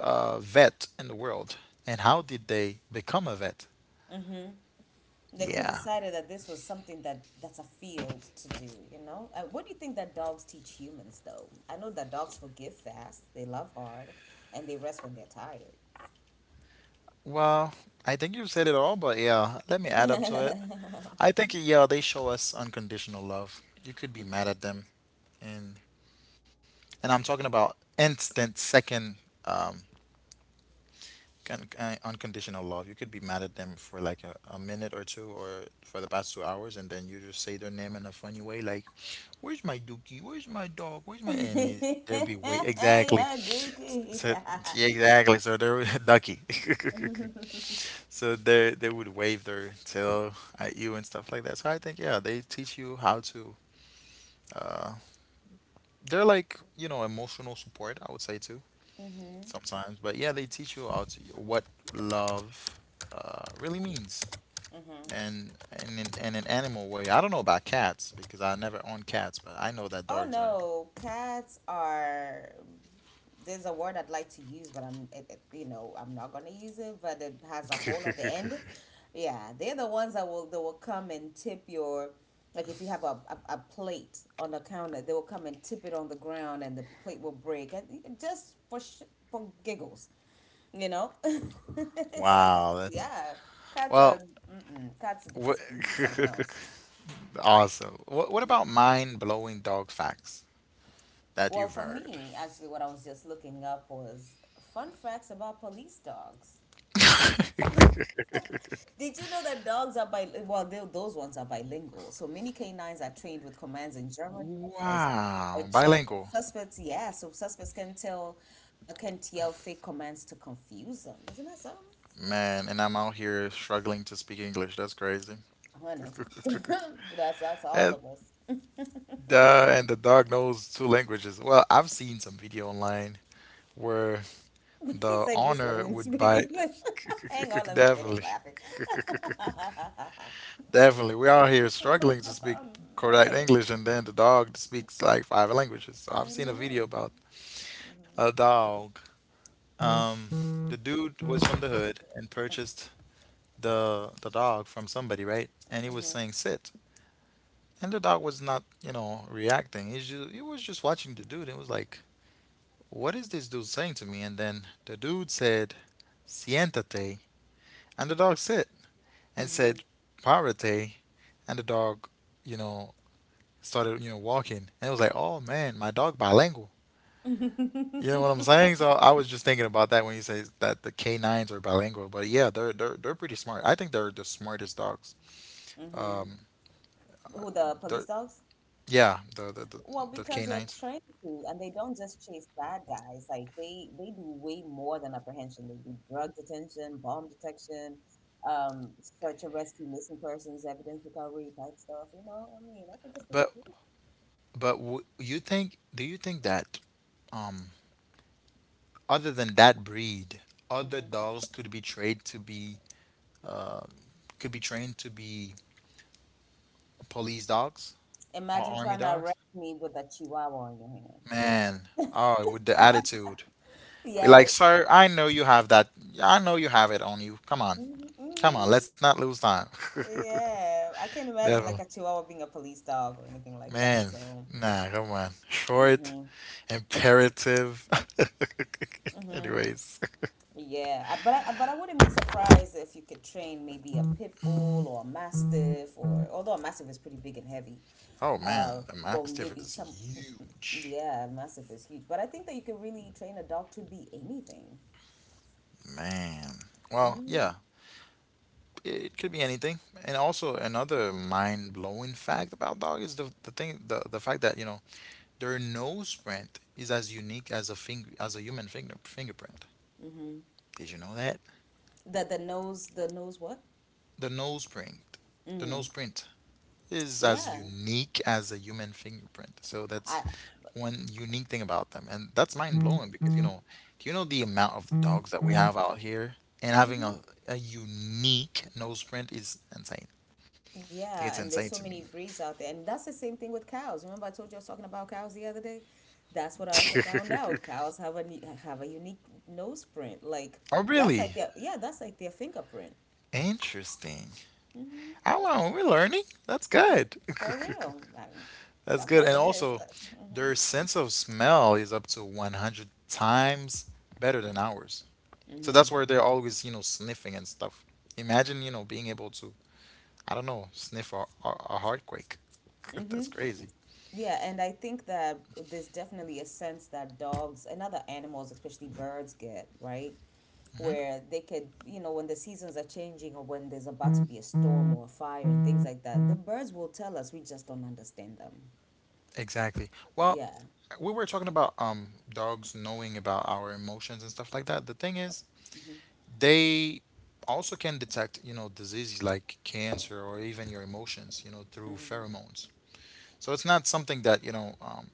Speaker 2: vet in the world, and how did they become a vet?
Speaker 1: mm-hmm. Like who
Speaker 2: Yeah.
Speaker 1: decided that this was something that that's a field to do, you know? What do you think that dogs teach humans though? I know that dogs forgive fast, they love hard, and they rest when they're tired.
Speaker 2: Well, I think you've said it all, but yeah, let me add up to it. I think, yeah, they show us unconditional love. You could be mad at them, and and I'm talking about instant second um unconditional love. You could be mad at them for like a minute or two, or for the past 2 hours, and then you just say their name in a funny way, like, "Where's my dookie? Where's my dog? Where's my?"
Speaker 1: [laughs]
Speaker 2: And it,
Speaker 1: Yeah,
Speaker 2: there will be wait exactly.
Speaker 1: Dookie.
Speaker 2: So yeah, exactly. So they're [laughs] ducky. [laughs] So they would wave their tail at you and stuff like that. So I think, yeah, they teach you how to. Uh, they're like, you know, emotional support, I would say too sometimes, but yeah, they teach you how to, what love really means. And in an animal way, I don't know about cats because I never own cats, but I know that
Speaker 1: [laughs] Oh
Speaker 2: dogs are.
Speaker 1: no, cats are there's a word I'd like to use, but you know, I'm not gonna use it. But it has a hole
Speaker 2: [laughs]
Speaker 1: at the end. Yeah, they're the ones that will, they will come and tip your, like if you have a plate on the counter, they will come and tip it on the ground, and the plate will break, and just for giggles, you know. [laughs] It's like, a,
Speaker 2: Wow,
Speaker 1: yeah, cats
Speaker 2: well,
Speaker 1: are, mm-mm, cats would just be
Speaker 2: wha-
Speaker 1: something else.
Speaker 2: [laughs] awesome. What about mind blowing dog facts that
Speaker 1: Well,
Speaker 2: you've
Speaker 1: for
Speaker 2: heard?
Speaker 1: me, actually, what I was just looking up was fun facts about police dogs.
Speaker 2: [laughs]
Speaker 1: Did you know that dogs are bilingual? Well, those ones are bilingual. So many canines are trained with commands in German Dutch, or
Speaker 2: Wow,
Speaker 1: Czech. So
Speaker 2: bilingual.
Speaker 1: suspects, yeah, so suspects can tell, can yell fake commands to confuse them. Isn't that something?
Speaker 2: Man, and I'm out here struggling to speak English. That's crazy.
Speaker 1: Honey,
Speaker 2: [laughs]
Speaker 1: [laughs] that's all
Speaker 2: And
Speaker 1: of us.
Speaker 2: and the dog knows two languages. Well, I've seen some video online where
Speaker 1: [laughs] He
Speaker 2: the
Speaker 1: said, you
Speaker 2: owner
Speaker 1: struggling to
Speaker 2: would
Speaker 1: speak
Speaker 2: bite.
Speaker 1: English. [laughs] Hang on,
Speaker 2: [laughs]
Speaker 1: let me finish
Speaker 2: Definitely.
Speaker 1: laughing.
Speaker 2: [laughs] Definitely. We are here struggling to speak
Speaker 1: [laughs]
Speaker 2: correct
Speaker 1: Man,
Speaker 2: English, and then the dog speaks like five languages. So I've
Speaker 1: I
Speaker 2: seen a
Speaker 1: know.
Speaker 2: video about a dog. Um, the dude was from the hood and purchased the dog from somebody, right? And he was saying sit, and the dog was not, you know, reacting. He was just watching the dude. It was like, what is this dude saying to me? And then the dude said, siéntate, and the dog sit, and said, párate, and the dog, you know, started, walking. And it was like, oh man, my dog bilingual. You know what I'm
Speaker 1: [laughs]
Speaker 2: saying? So I was just thinking about that when you say that the canines are bilingual, but yeah, they're pretty smart. I think they're the smartest dogs.
Speaker 1: Hmm.
Speaker 2: Um,
Speaker 1: Who, the police
Speaker 2: they're
Speaker 1: dogs?
Speaker 2: Yeah, the the the,
Speaker 1: Well,
Speaker 2: the
Speaker 1: because they're
Speaker 2: canines.
Speaker 1: trained to, and they don't just chase bad guys. Like they do way more than apprehension. They do drug detention, bomb detection, um, search and rescue, missing persons, evidence recovery type stuff. You know, I mean, I think it's pretty
Speaker 2: But
Speaker 1: cool.
Speaker 2: but w you think Do you think that um other than that breed, other dogs uh could be trained to be police dogs or
Speaker 1: Imagine
Speaker 2: army
Speaker 1: trying to
Speaker 2: dogs?
Speaker 1: arrest me with a chihuahua on your hand.
Speaker 2: Man, oh, with the attitude. Be like,
Speaker 1: Yes.
Speaker 2: sir, I know you have that. I know you have it on you. Come on,
Speaker 1: Hmm,
Speaker 2: come on.
Speaker 1: hmm.
Speaker 2: Let's not lose time. [laughs]
Speaker 1: Yeah, I can't imagine
Speaker 2: Definitely,
Speaker 1: like a chihuahua being a police dog or anything like that.
Speaker 2: man.
Speaker 1: So,
Speaker 2: Nah, come on. Short,
Speaker 1: hmm.
Speaker 2: imperative. [laughs] Anyways.
Speaker 1: Yeah, I- but I but I wouldn't be surprised if you could train maybe a pit bull or a mastiff or although a mastiff is pretty big and heavy,
Speaker 2: Oh
Speaker 1: uh,
Speaker 2: man, the
Speaker 1: well
Speaker 2: Mastiff is
Speaker 1: maybe some,
Speaker 2: huge.
Speaker 1: yeah, a mastiff is huge. But I think that you can really train a dog to be anything.
Speaker 2: Man. Well,
Speaker 1: Mm-hmm.
Speaker 2: yeah, it could be anything. And also another mind-blowing fact about dog is the fact that, you know, their nose print is as unique as a human fingerprint.
Speaker 1: Mm-hmm.
Speaker 2: Did you know that?
Speaker 1: The nose what?
Speaker 2: The nose print, the
Speaker 1: Mm.
Speaker 2: nose print is as
Speaker 1: Yeah.
Speaker 2: unique as a human fingerprint. So that's
Speaker 1: I.
Speaker 2: one unique thing about them, and that's mind blowing because do you know the amount of dogs that we have out here, and having a unique nose print is insane. I think it's
Speaker 1: Yeah, and
Speaker 2: insane
Speaker 1: there's
Speaker 2: to
Speaker 1: so
Speaker 2: me.
Speaker 1: many breeds out there. And that's the same thing with cows. Remember I told you I was talking about cows the other day? That's what I also found out. Cows have a unique nose print. Like
Speaker 2: [laughs] Oh,
Speaker 1: that's
Speaker 2: really?
Speaker 1: like their yeah, that's like their fingerprint.
Speaker 2: Interesting. Oh, wow, we're learning. That's
Speaker 1: Me-
Speaker 2: good. [laughs]
Speaker 1: For real.
Speaker 2: That's
Speaker 1: I'm
Speaker 2: good. And
Speaker 1: loving this.
Speaker 2: also, their sense of smell is up to 100 times better than ours. So that's where they're always, sniffing and stuff. Imagine, being able to I don't know, sniff a hardquake. [laughs]
Speaker 1: Mm-hmm.
Speaker 2: That's crazy.
Speaker 1: Yeah, and I think that there's definitely a sense that dogs and other animals, especially birds, get, right? Where they could, you know, when the seasons are changing or when there's about to be a storm or a fire and things like that, the birds will tell us, we just don't understand them.
Speaker 2: Exactly. Well,
Speaker 1: Yeah.
Speaker 2: we were talking about dogs knowing about our emotions and stuff like that. The thing is, they also can detect, diseases like cancer or even your emotions, through pheromones. So it's not something that,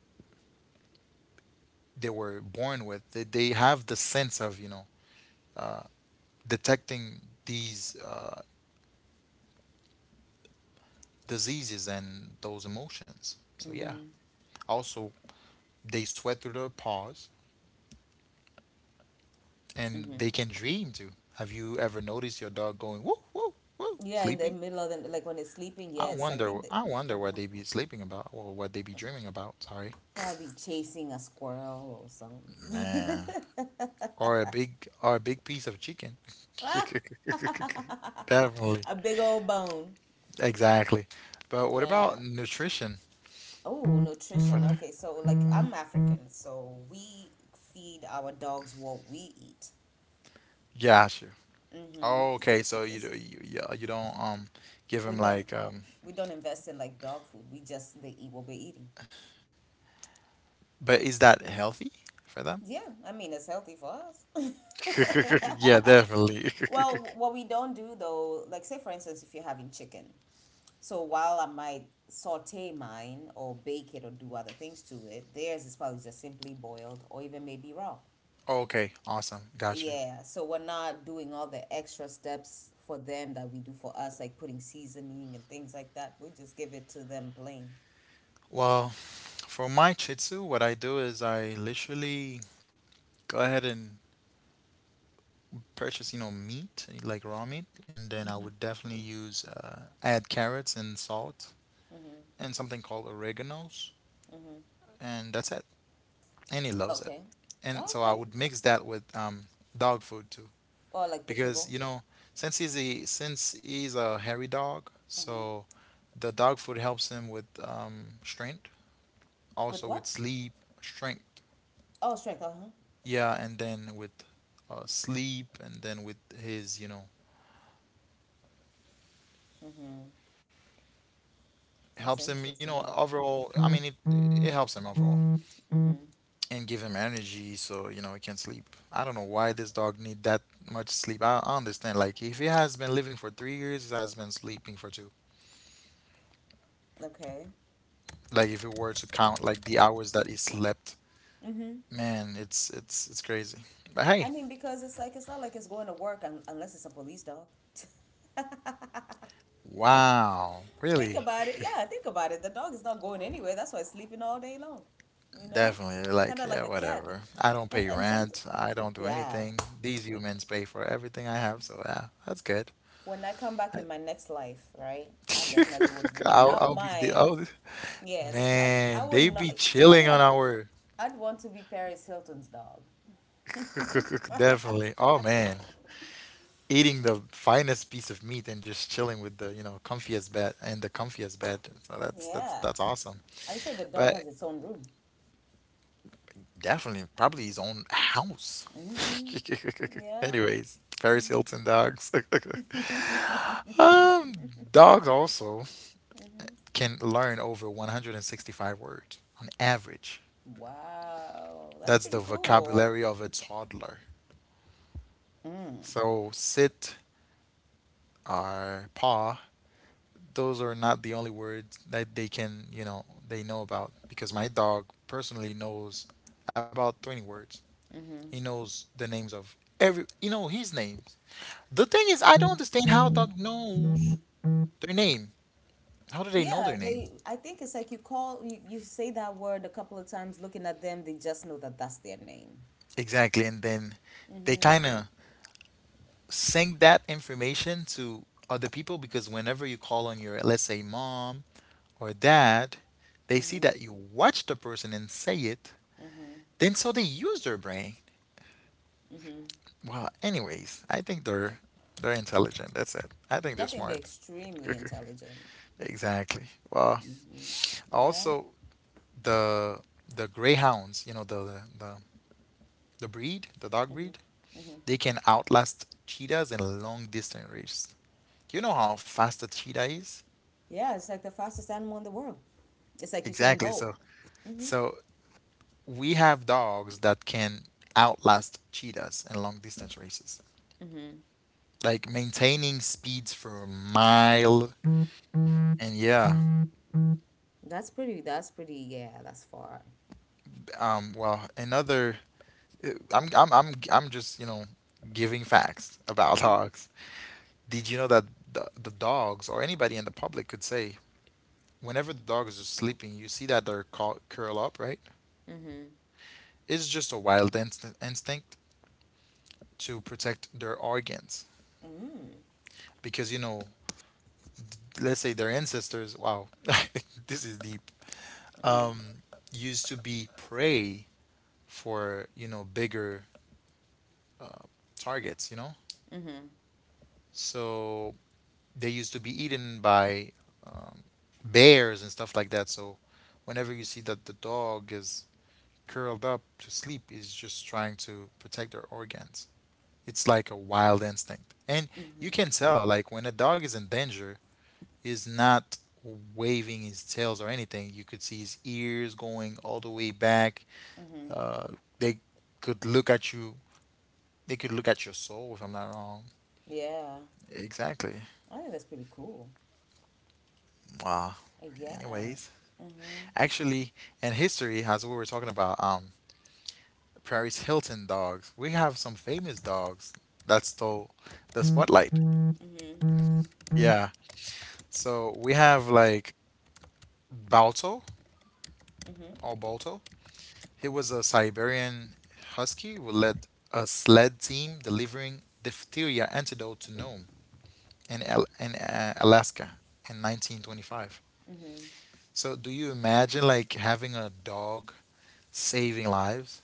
Speaker 2: they were born with. They have the sense of, detecting these diseases and those emotions. So yeah. Also, they sweat through their paws and they can dream too. Have you ever noticed your dog going woo woo woo
Speaker 1: Yeah, in the
Speaker 2: sleeping?
Speaker 1: middle of the, like when it's sleeping,
Speaker 2: I
Speaker 1: yes, I
Speaker 2: wonder
Speaker 1: think that
Speaker 2: I wonder what they be sleeping about or what they be dreaming about, sorry.
Speaker 1: probably chasing a squirrel or something.
Speaker 2: Man. Or a big piece of chicken. [laughs] Definitely.
Speaker 1: [laughs] A big old bone.
Speaker 2: Exactly. But what about
Speaker 1: Yeah.
Speaker 2: nutrition
Speaker 1: Oh,
Speaker 2: for
Speaker 1: nutrition.
Speaker 2: the
Speaker 1: Okay, so like I'm African, so we feed our dogs what we eat.
Speaker 2: Yeah, sure. Oh,
Speaker 1: Mm-hmm.
Speaker 2: okay, so you
Speaker 1: It's,
Speaker 2: do you, you don't give
Speaker 1: we
Speaker 2: them
Speaker 1: don't
Speaker 2: like
Speaker 1: we don't invest in like dog food. We just they eat what we're eating.
Speaker 2: but is that healthy for them?
Speaker 1: Yeah, I mean it's healthy for us.
Speaker 2: [laughs] Yeah,
Speaker 1: [laughs]
Speaker 2: definitely. [laughs]
Speaker 1: Well, what we don't do though, like say for instance, if you're having chicken, so while I might saute mine or bake it or do other things to it, theirs is probably just simply boiled or even maybe raw.
Speaker 2: Okay, awesome. Got you.
Speaker 1: Yeah, so we're not doing all the extra steps for them that we do for us, like putting seasoning and things like that. We just give it to them plain.
Speaker 2: Well, for my chitsu, what I do is I literally go ahead and purchase, meat, like raw meat, and then I would definitely use add carrots and salt and something called oreganos,
Speaker 1: Mm-hmm.
Speaker 2: and that's it. And he loves it.
Speaker 1: Okay.
Speaker 2: And so I
Speaker 1: Okay.
Speaker 2: would mix that with dog food too,
Speaker 1: Or like the
Speaker 2: because
Speaker 1: kibble.
Speaker 2: since he's a hairy dog,
Speaker 1: Mm-hmm.
Speaker 2: so the dog food helps him with strength,
Speaker 1: With
Speaker 2: also with
Speaker 1: what?
Speaker 2: sleep, strength.
Speaker 1: Oh, strength. Uh-huh.
Speaker 2: Yeah, and then with sleep and then with his
Speaker 1: Mm-hmm.
Speaker 2: helps
Speaker 1: That's
Speaker 2: him
Speaker 1: interesting.
Speaker 2: overall. I mean it helps him overall
Speaker 1: Mm.
Speaker 2: and give him energy so he can sleep. I don't know why this dog need that much sleep. I understand, like, if he has been living for 3 years he has been sleeping for two.
Speaker 1: Okay.
Speaker 2: Like if you were to count like the hours that he slept, man, it's crazy, but
Speaker 1: I
Speaker 2: hey.
Speaker 1: mean, because it's like, it's not like it's going to work un unless it's a police dog. [laughs]
Speaker 2: Wow,
Speaker 1: Think
Speaker 2: really.
Speaker 1: about it. Yeah, think about it. The dog is not going anywhere. That's why it's sleeping all day long. You know,
Speaker 2: Definitely.
Speaker 1: kind
Speaker 2: Like,
Speaker 1: of like
Speaker 2: yeah,
Speaker 1: a cat.
Speaker 2: whatever. I don't
Speaker 1: And
Speaker 2: pay
Speaker 1: and some,
Speaker 2: rent. I don't do
Speaker 1: yeah.
Speaker 2: anything. These humans pay for everything I have, so yeah, that's good.
Speaker 1: When I come back
Speaker 2: I,
Speaker 1: in my next life, right? I definitely
Speaker 2: [laughs]
Speaker 1: would
Speaker 2: I'll,
Speaker 1: not
Speaker 2: I'll be the
Speaker 1: mind. Yes, I
Speaker 2: man.
Speaker 1: would
Speaker 2: They
Speaker 1: not.
Speaker 2: be
Speaker 1: You know
Speaker 2: chilling
Speaker 1: who
Speaker 2: on
Speaker 1: I'd,
Speaker 2: our
Speaker 1: I'd want to be Paris Hilton's dog.
Speaker 2: [laughs] definitely. Oh man, eating the finest piece of meat and just chilling with the comfiest bed and the comfiest bed. So that's that's
Speaker 1: Yeah,
Speaker 2: that's awesome.
Speaker 1: I'm sure the dog
Speaker 2: But
Speaker 1: has its own room.
Speaker 2: definitely, probably his own house. [laughs]
Speaker 1: Yeah.
Speaker 2: Anyways, Paris Hilton dogs. [laughs] Um, dogs also can learn over 165 words on average.
Speaker 1: Wow, that's
Speaker 2: That's
Speaker 1: pretty
Speaker 2: the
Speaker 1: cool.
Speaker 2: vocabulary of a toddler. So sit or paw, those are not the only words that they can, they know about, because my dog personally knows about 20 words. He knows the names of every, his names. The thing is, I don't understand how a dog knows their name. How do they know
Speaker 1: Yeah,
Speaker 2: their name?
Speaker 1: they, I think it's like you call, you say that word a couple of times, looking at them, they just know that that's their name.
Speaker 2: Exactly, and then they kind of send that information to other people because whenever you call on your, let's say, mom or dad, they see that you watch the person and say it, then so they use their brain. Well, anyways, I think they're intelligent. That's it. I think
Speaker 1: I
Speaker 2: they're
Speaker 1: think they're
Speaker 2: smart.
Speaker 1: extremely intelligent.
Speaker 2: [laughs] Exactly. Well,
Speaker 1: Yeah.
Speaker 2: also, the the greyhounds, the breed, the dog breed, they can outlast cheetahs in long distance race. You know how fast a cheetah is?
Speaker 1: Yeah, it's like the fastest animal in the world. It's like Usain
Speaker 2: Exactly.
Speaker 1: Bolt.
Speaker 2: So we have dogs that can outlast cheetahs in long distance races, like maintaining speeds for a mile. And yeah,
Speaker 1: Yeah, that's far.
Speaker 2: well, another, I'm just, giving facts about [laughs] dogs. Did you know that the dogs or anybody in the public could say, whenever the dog is just sleeping, you see that they're call, curl up, right? It's just a wild instinct to protect their organs because, let's say their ancestors, wow, [laughs] this is deep, um, used to be prey for, bigger targets, you know? So they used to be eaten by um, bears and stuff like that. So whenever you see that the dog is curled up to sleep, is just trying to protect their organs. It's like a wild instinct. And you can tell, like, when a dog is in danger, is not waving his tails or anything. You could see his ears going all the way back. Uh, they could look at you. They could look at your soul, if I'm not wrong.
Speaker 1: Yeah.
Speaker 2: Exactly.
Speaker 1: I think that's pretty cool.
Speaker 2: Wow.
Speaker 1: Yeah.
Speaker 2: Anyways, actually, in history, as we were talking about, Paris Hilton dogs, we have some famous dogs that stole the spotlight. Yeah. So we have like Balto or Balto. He was a Siberian husky who led a sled team delivering diphtheria antidote to Nome in, Alaska in 1925.
Speaker 1: Hmm.
Speaker 2: So, do you imagine like having a dog saving lives?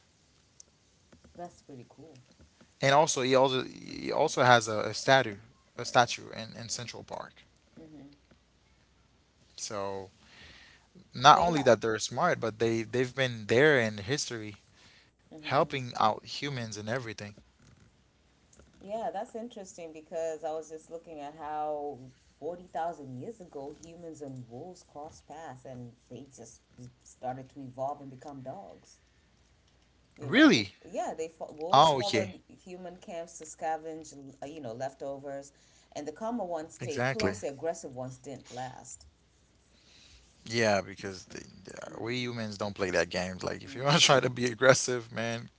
Speaker 1: That's pretty cool.
Speaker 2: And also, he also has a statue in Central Park.
Speaker 1: Hmm.
Speaker 2: So, not
Speaker 1: They
Speaker 2: only
Speaker 1: have,
Speaker 2: that they're smart, but they've been there in history helping out humans and everything.
Speaker 1: yeah, that's interesting because I was just looking at how 40,000 years ago humans and wolves crossed paths and they just started to evolve and become dogs. You know, they,
Speaker 2: Really?
Speaker 1: yeah, they wolves
Speaker 2: Oh, okay.
Speaker 1: followed human camps to scavenge, you know, leftovers, and the calmer ones stayed
Speaker 2: Exactly.
Speaker 1: close, the aggressive ones didn't last.
Speaker 2: Yeah, because the, yeah, we humans don't play that game. Like, if you want to try to be aggressive, man,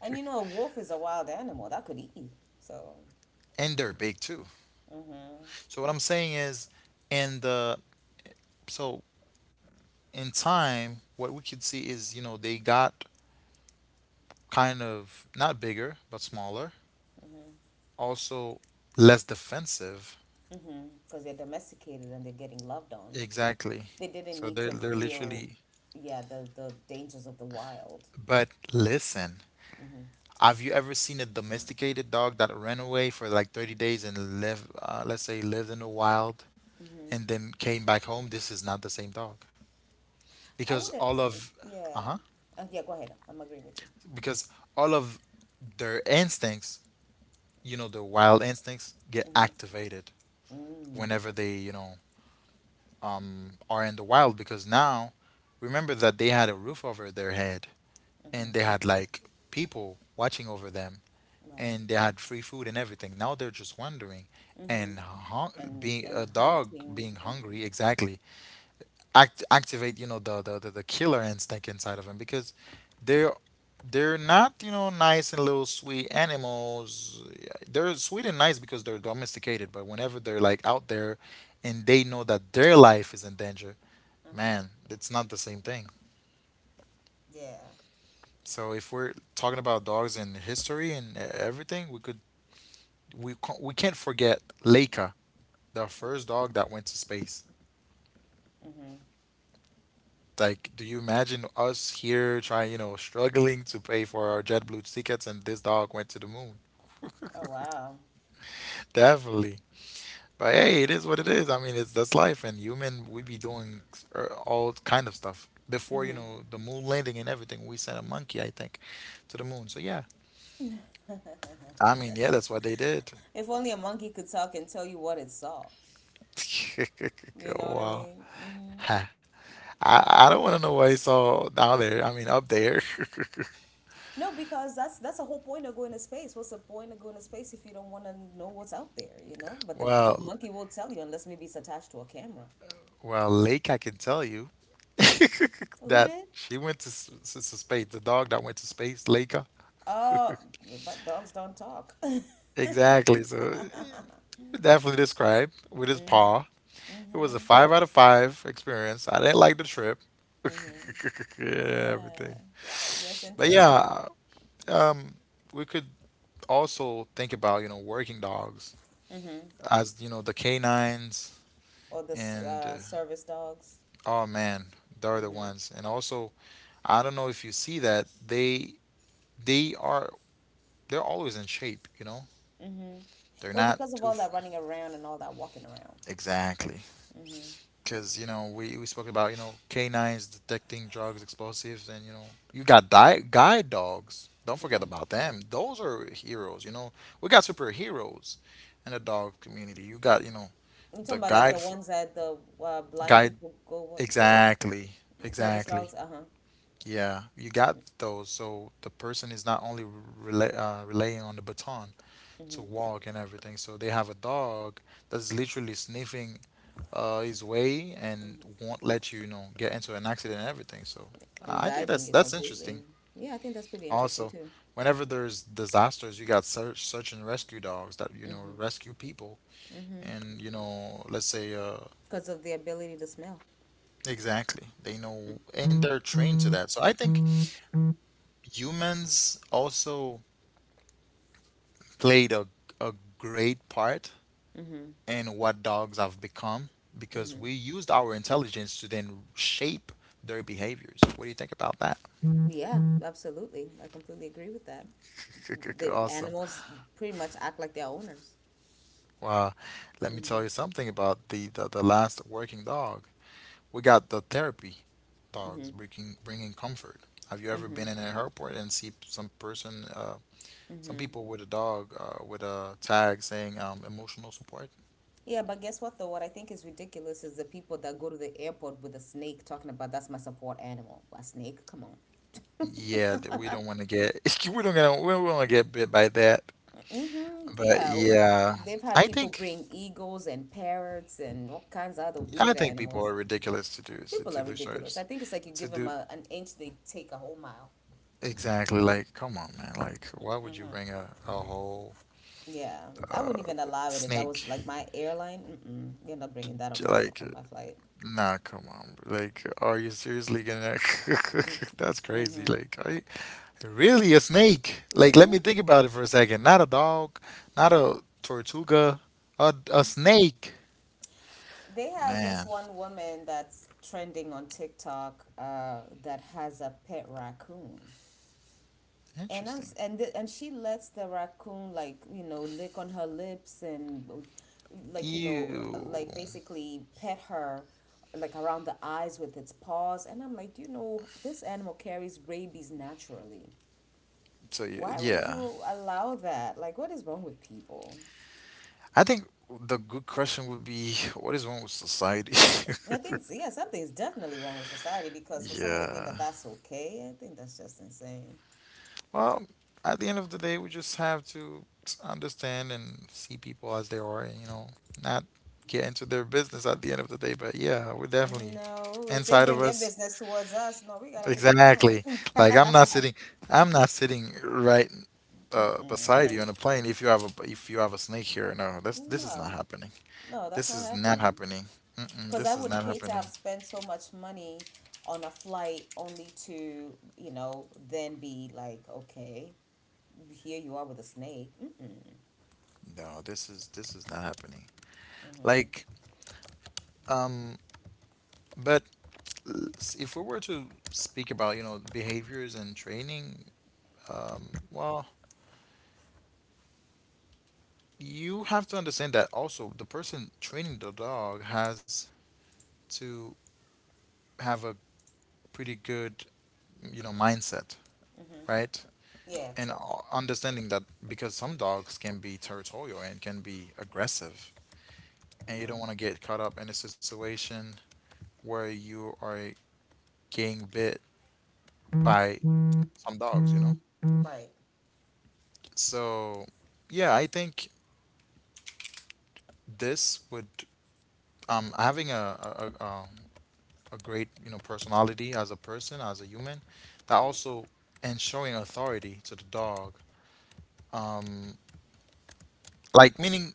Speaker 1: And you know, a wolf is a wild animal that could eat you. So,
Speaker 2: [laughs] and they're big too.
Speaker 1: mhm,
Speaker 2: So what I'm saying is, in the so in time, what we could see is, they got kind of not bigger but smaller, also less defensive.
Speaker 1: mhm, because they're domesticated and they're getting loved on.
Speaker 2: Exactly.
Speaker 1: They didn't
Speaker 2: So
Speaker 1: need
Speaker 2: they're
Speaker 1: to
Speaker 2: they're
Speaker 1: feel,
Speaker 2: literally.
Speaker 1: yeah, the dangers of the wild.
Speaker 2: But listen, have you ever seen a domesticated dog that ran away for like 30 days and live, let's say, lived in the wild, and then came back home? This is not the same dog.
Speaker 1: I
Speaker 2: Because
Speaker 1: wouldn't,
Speaker 2: all of
Speaker 1: yeah.
Speaker 2: uh-huh,
Speaker 1: Yeah, go ahead. I'm agreeing with you.
Speaker 2: because all of their instincts, their wild instincts get
Speaker 1: Mm-hmm.
Speaker 2: activated
Speaker 1: Mm.
Speaker 2: whenever they, are in the wild, because now remember that they had a roof over their head
Speaker 1: Mm-hmm.
Speaker 2: and they had like people watching over them
Speaker 1: Right.
Speaker 2: and they had free food and everything. Now they're just wandering
Speaker 1: Mm-hmm.
Speaker 2: and being
Speaker 1: And
Speaker 2: a dog
Speaker 1: hunting
Speaker 2: being
Speaker 1: and
Speaker 2: hungry, exactly, activate, the, the killer instinct inside of him, because they're they're not, nice and little sweet animals. They're sweet and nice because they're domesticated, but whenever they're like out there and they know that their life is in danger, man,
Speaker 1: mm-hmm.
Speaker 2: it's not the same thing.
Speaker 1: Yeah.
Speaker 2: So if we're talking about dogs and history and everything, we could we, we can't forget Leica, the first dog that went to space.
Speaker 1: Mm-hmm.
Speaker 2: Like, do you imagine us here trying, struggling to pay for our JetBlue tickets and this dog went to the moon?
Speaker 1: Oh wow.
Speaker 2: [laughs] Definitely. But hey, it is what it is. I mean, it's that's life, and human, we be doing all kind of stuff. Before,
Speaker 1: Mm-hmm.
Speaker 2: the moon landing and everything, we sent a monkey, I think, to the moon. So yeah, I mean,
Speaker 1: [laughs]
Speaker 2: yeah, that's what they did.
Speaker 1: If only a monkey could talk and tell you what it saw.
Speaker 2: [laughs] Oh,
Speaker 1: You know what I
Speaker 2: wow.
Speaker 1: mean? Mm-hmm.
Speaker 2: Ha. I don't want to know what I saw down there. I mean, up there. [laughs]
Speaker 1: No, because that's the whole point of going to space. What's the point of going to space if you don't want to know what's out there, you know? But the
Speaker 2: Well,
Speaker 1: monkey won't tell you unless maybe it's attached to a camera.
Speaker 2: Well, Lake, I can tell you [laughs]
Speaker 1: Who
Speaker 2: that
Speaker 1: did?
Speaker 2: she went to, to space. The dog that went to space, Leica.
Speaker 1: Oh, but dogs don't talk. [laughs]
Speaker 2: Exactly. Definitely described with his
Speaker 1: Mm-hmm.
Speaker 2: paw. It was a
Speaker 1: Mm-hmm.
Speaker 2: five out of five experience. I didn't like the trip. [laughs]
Speaker 1: Mm-hmm.
Speaker 2: Yeah,
Speaker 1: Yeah.
Speaker 2: everything.
Speaker 1: That's
Speaker 2: But
Speaker 1: interesting.
Speaker 2: yeah, um, we could also think about, working dogs
Speaker 1: Mm-hmm.
Speaker 2: as, the canines
Speaker 1: Or the
Speaker 2: and
Speaker 1: service dogs.
Speaker 2: oh man, they're the
Speaker 1: Mm-hmm.
Speaker 2: ones. And also, I don't know if you see that they are they're always in shape, you know?
Speaker 1: Mm-hmm.
Speaker 2: They're
Speaker 1: Well,
Speaker 2: not
Speaker 1: because of
Speaker 2: too
Speaker 1: all that running around and all that walking around.
Speaker 2: exactly, because we spoke about, canines detecting drugs, explosives, and, you got guide dogs. Don't forget about them. Those are heroes, you know. We got superheroes in the dog community. You got,
Speaker 1: You talking
Speaker 2: the
Speaker 1: about like the
Speaker 2: guide for,
Speaker 1: ones that the blind
Speaker 2: guide,
Speaker 1: people go with, go with?
Speaker 2: exactly,
Speaker 1: Service
Speaker 2: exactly.
Speaker 1: dogs? Uh-huh.
Speaker 2: Yeah, you got those. So the person is not only relying on the baton to
Speaker 1: Mm-hmm.
Speaker 2: walk and everything. So they have a dog that's literally sniffing his way and won't let you, get into an accident and everything. So
Speaker 1: And
Speaker 2: I think
Speaker 1: guiding you
Speaker 2: that's interesting.
Speaker 1: completely. Yeah, I think that's pretty interesting
Speaker 2: Also,
Speaker 1: too.
Speaker 2: whenever there's disasters, you got search and rescue dogs that,
Speaker 1: Mm-hmm.
Speaker 2: rescue people
Speaker 1: Mm-hmm.
Speaker 2: and, let's say
Speaker 1: Because of the ability to smell.
Speaker 2: exactly, they know and they're trained to that. So I think humans also played a great part
Speaker 1: Mm-hmm.
Speaker 2: and what dogs have become because
Speaker 1: Mm-hmm.
Speaker 2: we used our intelligence to then shape their behaviors. What do you think about that?
Speaker 1: Yeah, absolutely. I completely agree with that.
Speaker 2: [laughs]
Speaker 1: The
Speaker 2: Awesome.
Speaker 1: animals pretty much act like their owners.
Speaker 2: Well, let me
Speaker 1: Mm-hmm.
Speaker 2: tell you something about the last working dog. We got the therapy
Speaker 1: Mm-hmm.
Speaker 2: dogs bringing comfort. Have you ever
Speaker 1: Mm-hmm.
Speaker 2: been in an airport and see some person, some
Speaker 1: Mm-hmm.
Speaker 2: people with a dog with a tag saying emotional support?
Speaker 1: Yeah, but guess what though? What I think is ridiculous is the people that go to the airport with a snake talking about that's my support animal. A snake? Come on. [laughs]
Speaker 2: Yeah, that we don't want to get [laughs] we don't want to get bit by that.
Speaker 1: Mm-hmm.
Speaker 2: But
Speaker 1: Yeah. W-
Speaker 2: yeah,
Speaker 1: They've had
Speaker 2: I
Speaker 1: people
Speaker 2: think
Speaker 1: bring eagles and parrots and all kinds of other
Speaker 2: I
Speaker 1: weird
Speaker 2: think people
Speaker 1: animals.
Speaker 2: are ridiculous to do to,
Speaker 1: People are
Speaker 2: to do
Speaker 1: ridiculous. I
Speaker 2: shows
Speaker 1: think it's like you give
Speaker 2: to
Speaker 1: them
Speaker 2: do.
Speaker 1: a, an inch, they take a whole mile.
Speaker 2: Exactly, like come on, man, like why would you bring a whole
Speaker 1: Yeah. I wouldn't even allow it if that
Speaker 2: snake
Speaker 1: was like my airline. Mm-mm. You're not
Speaker 2: to,
Speaker 1: bringing that on
Speaker 2: to,
Speaker 1: my
Speaker 2: like
Speaker 1: on my flight.
Speaker 2: nah, come on, like are you seriously gonna? [laughs] That's crazy,
Speaker 1: Mm-hmm.
Speaker 2: like are you really? A snake? Like let me
Speaker 1: Mm-hmm.
Speaker 2: think about it for a second. Not a dog, not a tortuga, a snake,
Speaker 1: They have
Speaker 2: man.
Speaker 1: this one woman that's trending on TikTok that has a pet raccoon. And I'm
Speaker 2: Interesting.
Speaker 1: s- and the, and she lets the raccoon, like, you know, lick on her lips and, like, you know,
Speaker 2: Ew.
Speaker 1: like, basically pet her like around the eyes with its paws. And I'm like, you know, this animal carries rabies naturally.
Speaker 2: So you,
Speaker 1: Why would
Speaker 2: yeah,
Speaker 1: you allow that? Like, what is wrong with people?
Speaker 2: I think the good question would be, what is wrong with society?
Speaker 1: I think, yeah, something's definitely wrong with society, because for
Speaker 2: [laughs]
Speaker 1: someone to think that
Speaker 2: Yeah.
Speaker 1: that's okay, I think that's just insane.
Speaker 2: Well, at the end of the day, we just have to understand and see people as they are and, you know, not get into their business at the end of the day. But yeah, we're definitely
Speaker 1: No, if they
Speaker 2: inside
Speaker 1: bring
Speaker 2: of
Speaker 1: their
Speaker 2: us.
Speaker 1: business towards us, no, we gotta be like, no.
Speaker 2: Exactly. Like I'm not
Speaker 1: [laughs]
Speaker 2: sitting I'm not sitting right,
Speaker 1: Mm-mm.
Speaker 2: beside
Speaker 1: Like
Speaker 2: you on
Speaker 1: you,
Speaker 2: a plane if you have a if you have a snake here. No, this is not
Speaker 1: no,
Speaker 2: happening.
Speaker 1: no, that's
Speaker 2: This
Speaker 1: not
Speaker 2: is not
Speaker 1: happening.
Speaker 2: happening. Mm-mm,
Speaker 1: Because
Speaker 2: this
Speaker 1: I
Speaker 2: is
Speaker 1: would
Speaker 2: not
Speaker 1: hate to
Speaker 2: happening.
Speaker 1: have spent so much money on a flight only to, then be like, okay, here you are with a snake. Mm-mm.
Speaker 2: No, this is not happening. Like, um, but if we were to speak about, you know, behaviors and training, well, you have to understand that also the person training the dog has to have a pretty good, you know, mindset, right?
Speaker 1: Yeah,
Speaker 2: And
Speaker 1: true.
Speaker 2: o- understanding that, because some dogs can be territorial and can be aggressive, and you don't want to
Speaker 1: Mm-hmm.
Speaker 2: get caught up in a situation where you are getting bit by some dogs, you know?
Speaker 1: Right.
Speaker 2: So yeah, I think this would, having a a great, you know, personality as a person, as a human, that
Speaker 1: Mm-hmm.
Speaker 2: also and showing authority to the dog, um like meaning,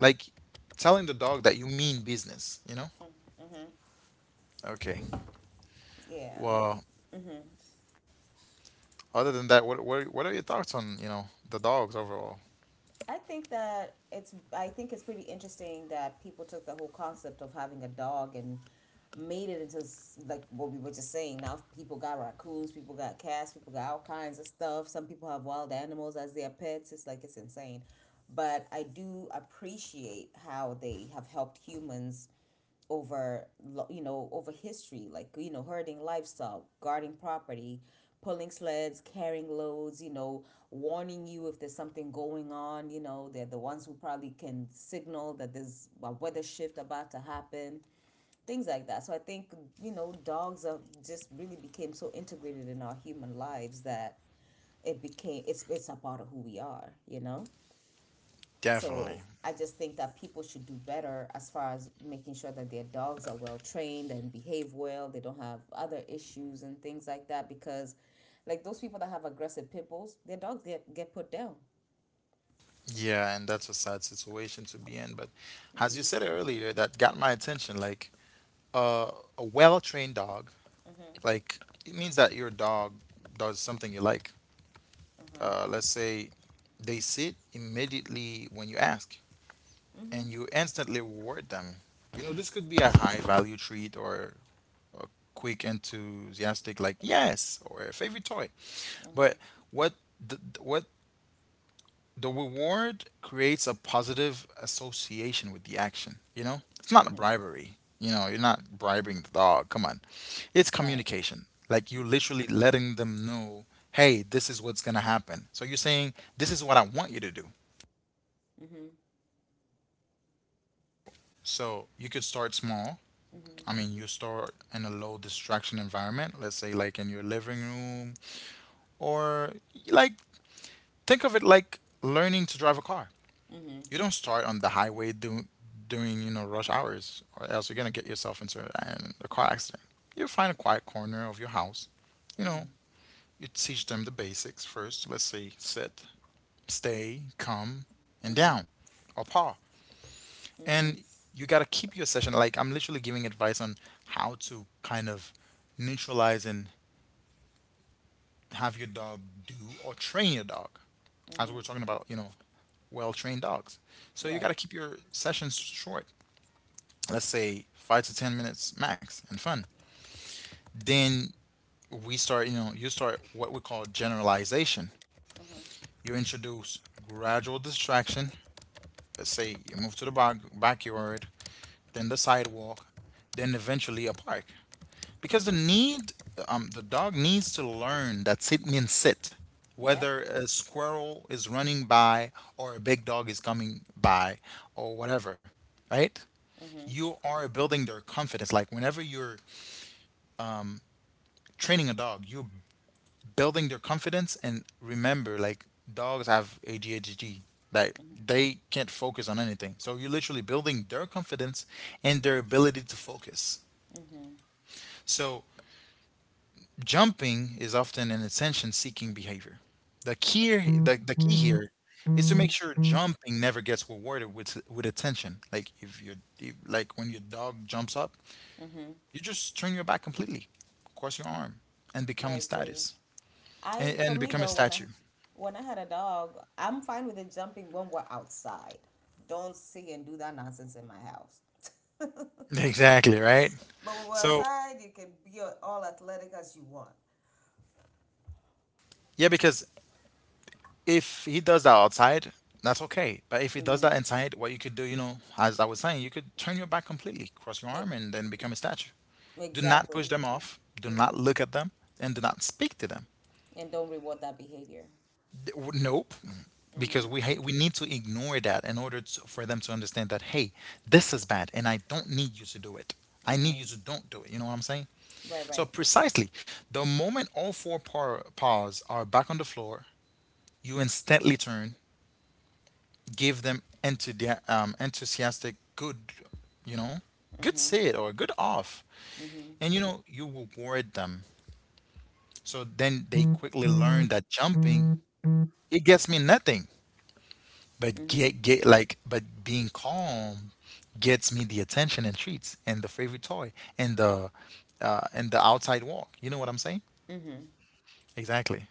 Speaker 2: like telling the dog that you mean business, you know? Okay,
Speaker 1: Yeah.
Speaker 2: well, other than that, what what are your thoughts on, you know, the dogs overall?
Speaker 1: I think it's pretty interesting that people took the whole concept of having a dog and made it into like what we were just saying. Now people got raccoons, people got cats, people got all kinds of stuff. Some people have wild animals as their pets. It's insane. But I do appreciate how they have helped humans over, you know, over history, like, you know, herding livestock, guarding property, pulling sleds, carrying loads, you know, warning you if there's something going on. You know, they're the ones who probably can signal that there's a weather shift about to happen, things like that. So I think, you know, dogs are just really became so integrated in our human lives that it became, it's a part of who we are, you know. So
Speaker 2: Definitely.
Speaker 1: I just think that people should do better as far as making sure that their dogs are well trained and behave well, they don't have other issues and things like that, because, like, those people that have aggressive pit bulls, their dogs get put down.
Speaker 2: Yeah, and that's a sad situation to be in, but as you said earlier, that got my attention, like, uh, a well-trained dog. Like, it means that your dog does something you like. Let's say they sit immediately when you ask, and you instantly reward them. You know, this could be a high value treat or a quick enthusiastic like yes or a favorite toy. But what the, what the reward creates a positive association with the action, you know? It's not a
Speaker 1: Hmm.
Speaker 2: bribery. You know, you're not bribing the dog. Come on. It's
Speaker 1: Right.
Speaker 2: communication. Like, you're
Speaker 1: Mm-hmm.
Speaker 2: literally letting them know, hey, this is what's going to happen. So you're saying, this is what I want you to do.
Speaker 1: Mm-hmm.
Speaker 2: So you could start small.
Speaker 1: Mm-hmm.
Speaker 2: I mean, you start in a low distraction environment, let's say like in your living room, or like, think of it like learning to drive a car.
Speaker 1: Mm-hmm.
Speaker 2: You don't start on the highway doing, you know, rush hours, or else you're gonna get yourself into a car accident. You find a quiet corner of your house. You know, you teach them the basics first. Let's say sit, stay, come, and
Speaker 1: Mm-hmm.
Speaker 2: down, or paw.
Speaker 1: Mm-hmm.
Speaker 2: And you gotta keep your session. Like, I'm literally giving advice on how to kind of neutralize and have your dog do or train your dog, as
Speaker 1: Mm-hmm.
Speaker 2: we're talking about. You know, well trained dogs. So you
Speaker 1: Right.
Speaker 2: got to keep your sessions short. Let's say 5 to 10 minutes max and fun. Then we start, you know, you start what we call generalization.
Speaker 1: Mm-hmm.
Speaker 2: You introduce gradual distraction. Let's say you move to the backyard, then the sidewalk, then eventually a park, because the
Speaker 1: Mm-hmm.
Speaker 2: need, the dog needs to learn that sit means sit,
Speaker 1: Yep.
Speaker 2: whether a squirrel is running by or a big dog is coming by or whatever, right? You are building their confidence. Like, whenever you're training a dog, you're building their confidence, and remember, like, dogs have ADHD. Like, they can't focus on anything. So you're literally building their confidence and their ability to focus.
Speaker 1: Mm-hmm.
Speaker 2: So jumping is often an attention-seeking behavior. The key, the key here is to make sure jumping never gets rewarded with attention. Like, if you if, like when your dog jumps up, you just turn your back completely, cross your arm, and
Speaker 1: I
Speaker 2: become a
Speaker 1: agree.
Speaker 2: status
Speaker 1: I,
Speaker 2: and,
Speaker 1: for
Speaker 2: and
Speaker 1: me
Speaker 2: become a
Speaker 1: though, when I
Speaker 2: statue.
Speaker 1: when I had a dog, I'm fine with it jumping when we're outside. Don't sit and do that nonsense in my house.
Speaker 2: [laughs] Exactly, right?
Speaker 1: But when we're
Speaker 2: So,
Speaker 1: outside, you can be all athletic as you want.
Speaker 2: yeah, because if he does that outside, that's okay. But if he does that inside, what you could do, you know, as I was saying, you could turn your back completely, cross your
Speaker 1: Like,
Speaker 2: arm, and then become a statue. Do not push
Speaker 1: exactly,
Speaker 2: them off. Do not look at them, and do not speak to them.
Speaker 1: and don't reward that behavior.
Speaker 2: Nope, because we need to ignore that in order to, for them to understand that hey, this is bad, and I don't need you to do it. I need you
Speaker 1: Mm-hmm.
Speaker 2: to don't do it. You know what I'm saying?
Speaker 1: Right,
Speaker 2: So
Speaker 1: right.
Speaker 2: precisely, the moment all four paws are back on the floor, you instantly turn, give them into enthusiastic good, you know, good sit or good off, and you know, you reward them. So then they quickly learn that jumping, it gets me nothing, but
Speaker 1: Mm-hmm.
Speaker 2: get like but being calm gets me the attention and treats and the favorite toy and the, and the outside walk. You know what I'm saying?
Speaker 1: Mm-hmm.
Speaker 2: Exactly.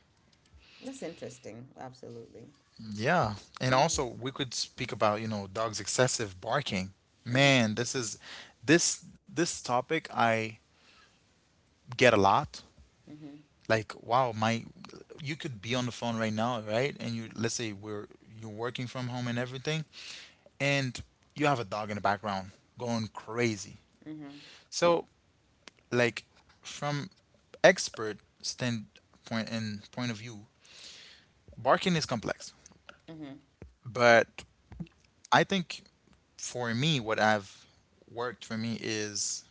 Speaker 1: That's interesting. Absolutely.
Speaker 2: Yeah, and
Speaker 1: Mm-hmm.
Speaker 2: also we could speak about, you know, dogs' excessive barking.
Speaker 1: Mm-hmm.
Speaker 2: Man, this is this topic I get a lot.
Speaker 1: Mm-hmm.
Speaker 2: Like, wow, my, you could be on the phone right now, right? And you let's say we're you're working from home and everything, and you have a dog in the background going crazy. So, like, from expert standpoint and point of view, barking is complex,
Speaker 1: Mm-hmm.
Speaker 2: but I think for me, what I've worked for me is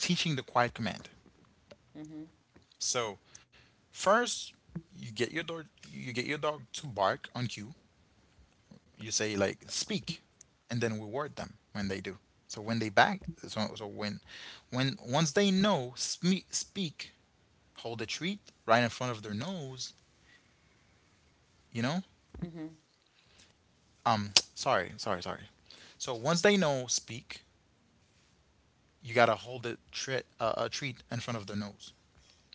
Speaker 2: teaching the quiet command. So first, you get your dog, you get your dog to bark on cue. You say like speak, and then reward them when they do. So when they back, so, so when, when once they know speak, hold a treat right in front of their nose. You know, [tsk] sorry, sorry, sorry. So once they know speak, you gotta hold a treat, a treat in front of their nose,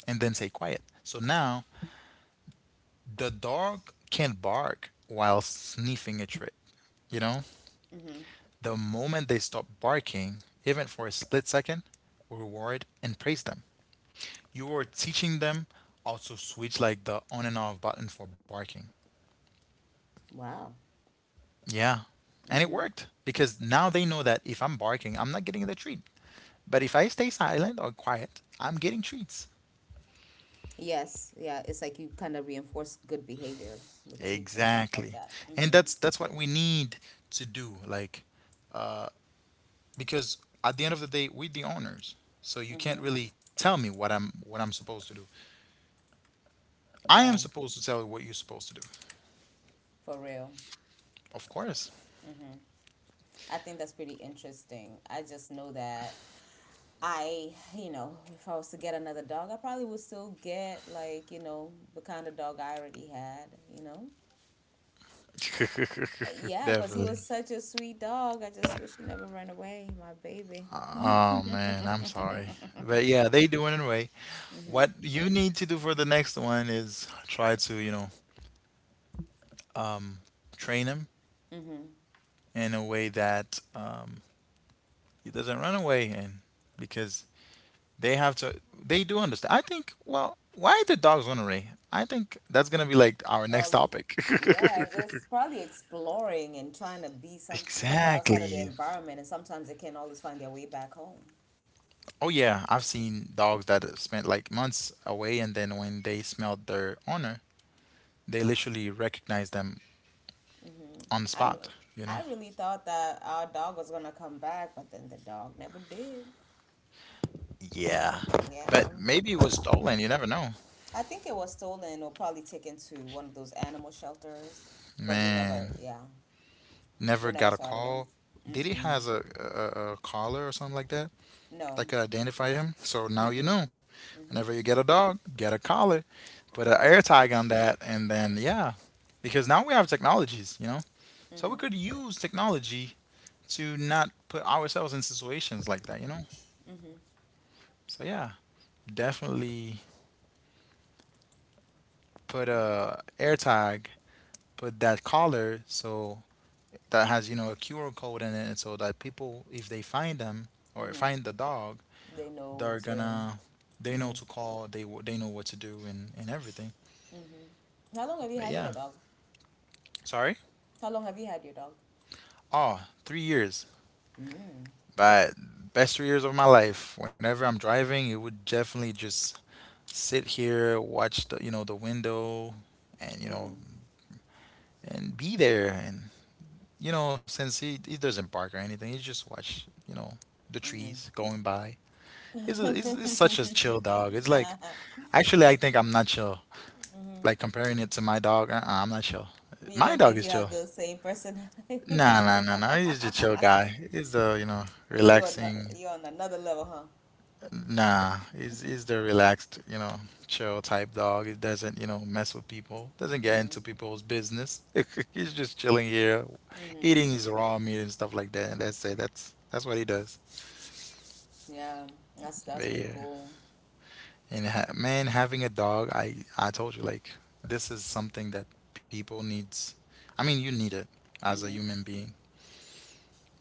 Speaker 2: and then say quiet. So now the dog can not bark while sniffing a treat. You know, the moment they stop barking, even for a split second, reward and praise them. You are teaching them also switch like the on and off button for barking.
Speaker 1: Wow.
Speaker 2: Yeah. And it
Speaker 1: Mm-hmm.
Speaker 2: worked because now they know that if I'm barking, I'm not getting the treat. But if I stay silent or quiet, I'm getting treats.
Speaker 1: Yes. Yeah. It's like you kind of reinforce good behavior with treats and stuff like
Speaker 2: Exactly.
Speaker 1: that.
Speaker 2: And
Speaker 1: Mm-hmm.
Speaker 2: that's what we need to do. Like, because at the end of the day, we're the owners, so you can't
Speaker 1: Mm-hmm.
Speaker 2: really tell me what I'm supposed to do. I am
Speaker 1: Yeah.
Speaker 2: supposed to tell you what you're supposed to do.
Speaker 1: For real.
Speaker 2: Of course.
Speaker 1: Hmm. I think that's pretty interesting. I just know that I, you know, if I was to get another dog, I probably would still get, like, you know, the kind of dog I already had, you know?
Speaker 2: [laughs]
Speaker 1: Yeah, because he
Speaker 2: Definitely.
Speaker 1: was such a sweet dog. I just wish he never ran away, my baby.
Speaker 2: Oh man, I'm sorry, but yeah, they do it anyway. What you need to do for the next one is try to, you know, um train him in a way that, he doesn't run away. And because they have to, they do understand, I think. Well, why the dogs run away, I think that's gonna be like our next
Speaker 1: All this,
Speaker 2: topic. [laughs]
Speaker 1: yeah, just probably exploring and trying to be somewhere outside of their
Speaker 2: Exactly.
Speaker 1: environment, and sometimes they can't always find their way back home.
Speaker 2: Oh yeah, I've seen dogs that have spent like months away, and then when they smelled their owner, they literally recognized them on the
Speaker 1: I,
Speaker 2: spot, you
Speaker 1: I
Speaker 2: know?
Speaker 1: really thought that our dog was gonna come back, but then the dog never did.
Speaker 2: Yeah.
Speaker 1: Yeah.
Speaker 2: But maybe it was stolen, you never know.
Speaker 1: I think it was stolen or probably taken to one of those animal shelters, but we never,
Speaker 2: Man,
Speaker 1: yeah, we
Speaker 2: never
Speaker 1: never
Speaker 2: got a
Speaker 1: saw it again.
Speaker 2: call. Did he
Speaker 1: Mm-mm.
Speaker 2: has a collar or something like that that
Speaker 1: No.
Speaker 2: could identify him? So now you
Speaker 1: Mm-mm.
Speaker 2: know. Whenever you get a dog, get a collar, put an
Speaker 1: Mm-hmm.
Speaker 2: air tag on that, and then yeah, because now we have technologies, you know. So we could
Speaker 1: Mm-hmm.
Speaker 2: use technology to not put ourselves in situations like that, you know?
Speaker 1: Mm-hmm.
Speaker 2: So yeah, definitely put
Speaker 1: Mm-hmm.
Speaker 2: a air tag, put that collar so that has, you know, a QR code in it, so that people if they find them or
Speaker 1: Mm-hmm.
Speaker 2: find the dog,
Speaker 1: They know
Speaker 2: they're
Speaker 1: to.
Speaker 2: gonna they know
Speaker 1: Mm-hmm.
Speaker 2: to call, they know what to do and everything.
Speaker 1: Mm-hmm. How long have you
Speaker 2: But
Speaker 1: had your
Speaker 2: yeah,
Speaker 1: dog?
Speaker 2: sorry.
Speaker 1: How long have you had your dog?
Speaker 2: Oh, 3 years.
Speaker 1: Mm.
Speaker 2: But best 3 years of my life. Whenever I'm driving, it would definitely just sit here, watch the, you know, the window, and you
Speaker 1: Mm-hmm.
Speaker 2: know, and be there. And you know, since he doesn't bark or anything, he just watch the
Speaker 1: Mm-hmm.
Speaker 2: trees going by. He's such a chill dog. It's like
Speaker 1: [laughs]
Speaker 2: actually, I think I'm not chill.
Speaker 1: Mm-hmm.
Speaker 2: Like comparing it to my dog, uh-uh, I'm not chill.
Speaker 1: You
Speaker 2: My
Speaker 1: don't
Speaker 2: dog
Speaker 1: think
Speaker 2: is
Speaker 1: you have
Speaker 2: chill.
Speaker 1: the same personality [laughs]
Speaker 2: Nah,
Speaker 1: as your
Speaker 2: nah, nah, nah.
Speaker 1: dog?
Speaker 2: He's just a chill guy. He's the
Speaker 1: [laughs] You are not,
Speaker 2: relaxing.
Speaker 1: you're on another level, huh?
Speaker 2: Nah, he's the relaxed, chill type dog. He doesn't, mess with people. Doesn't get
Speaker 1: Mm-hmm.
Speaker 2: into people's business. [laughs] He's just chilling here,
Speaker 1: Mm-hmm.
Speaker 2: eating his raw meat and stuff like that. And that's it. That's what he does.
Speaker 1: Yeah, that's
Speaker 2: But
Speaker 1: pretty
Speaker 2: yeah,
Speaker 1: cool.
Speaker 2: and ha man, having a dog, I told you like this is something that people needs. I mean, you need it as a
Speaker 1: Mm-hmm.
Speaker 2: human being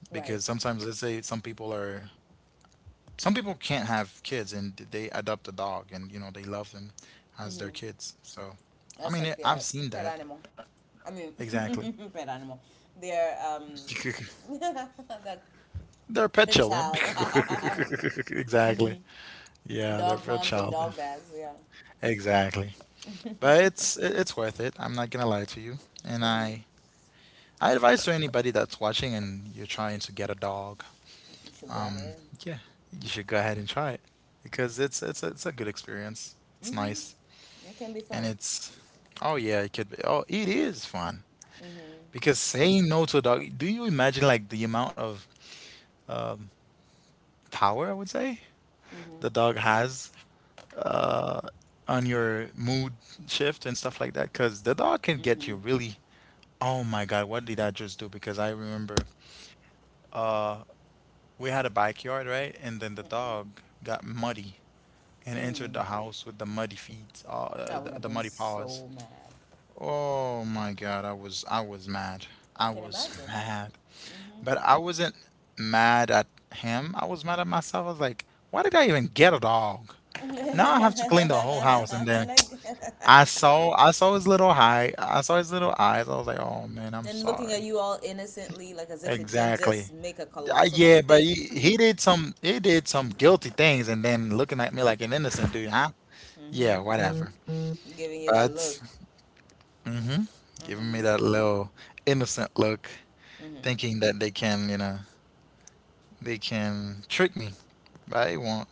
Speaker 2: because
Speaker 1: Right.
Speaker 2: sometimes let's say some people are some people can't have kids and they adopt a dog and you know they love them as
Speaker 1: Mm-hmm.
Speaker 2: their kids. So, I
Speaker 1: That's
Speaker 2: mean,
Speaker 1: like
Speaker 2: it,
Speaker 1: their
Speaker 2: I've seen
Speaker 1: pet
Speaker 2: that.
Speaker 1: animal. I mean,
Speaker 2: Exactly.
Speaker 1: [laughs] pet animal. Their
Speaker 2: [laughs]
Speaker 1: [laughs] that
Speaker 2: They're pet
Speaker 1: good
Speaker 2: children.
Speaker 1: child.
Speaker 2: [laughs]
Speaker 1: [laughs]
Speaker 2: Exactly.
Speaker 1: Mm-hmm.
Speaker 2: Yeah, they're
Speaker 1: Dog
Speaker 2: pet
Speaker 1: moms and
Speaker 2: child.
Speaker 1: dog dads. Yeah.
Speaker 2: Exactly. But
Speaker 1: [laughs]
Speaker 2: it's worth it. I'm not gonna lie to you. And
Speaker 1: Mm-hmm.
Speaker 2: I advise to anybody that's watching and you're trying to get a dog,
Speaker 1: You should go
Speaker 2: um,
Speaker 1: ahead.
Speaker 2: yeah, you should go ahead and try it because it's a good experience. It's nice.
Speaker 1: Mm-hmm. It can be
Speaker 2: And
Speaker 1: fun.
Speaker 2: it's, oh yeah, it could be, oh, it is fun.
Speaker 1: Mm-hmm.
Speaker 2: Because saying no to a dog, do you imagine like the amount of um, power, I would say,
Speaker 1: Mm-hmm.
Speaker 2: the dog has uh, on your mood shift and stuff like that? Because the dog can get
Speaker 1: Mm-hmm.
Speaker 2: you really, oh my God, what did I just do? Because I remember we had a backyard, right? And then the
Speaker 1: Mm-hmm.
Speaker 2: dog got muddy and entered
Speaker 1: Mm.
Speaker 2: the house with the muddy feet,
Speaker 1: I would have
Speaker 2: the
Speaker 1: been
Speaker 2: muddy paws.
Speaker 1: so mad.
Speaker 2: Oh my God, I was mad.
Speaker 1: I
Speaker 2: I
Speaker 1: can
Speaker 2: was [laughs]
Speaker 1: imagine.
Speaker 2: mad.
Speaker 1: Mm-hmm.
Speaker 2: But I wasn't mad at him. I was mad at myself. I was like, why did I even get a dog?
Speaker 1: [laughs]
Speaker 2: Now I have
Speaker 1: And,
Speaker 2: to clean the whole house. And then
Speaker 1: I,
Speaker 2: I saw his little eye. I saw his little eyes. I was like, oh man, I'm
Speaker 1: and looking at
Speaker 2: sorry.
Speaker 1: you all innocently, like as if it didn't
Speaker 2: Exactly.
Speaker 1: just make a colossal
Speaker 2: Yeah, but
Speaker 1: mistake.
Speaker 2: he did some guilty things and then looking at me like an innocent dude, huh? Yeah,
Speaker 1: Hmm.
Speaker 2: whatever.
Speaker 1: Giving you that
Speaker 2: But
Speaker 1: look.
Speaker 2: hmm, giving me
Speaker 1: Hmm.
Speaker 2: that little innocent look,
Speaker 1: Hmm.
Speaker 2: thinking that they can, you know, they can trick me, but they won't.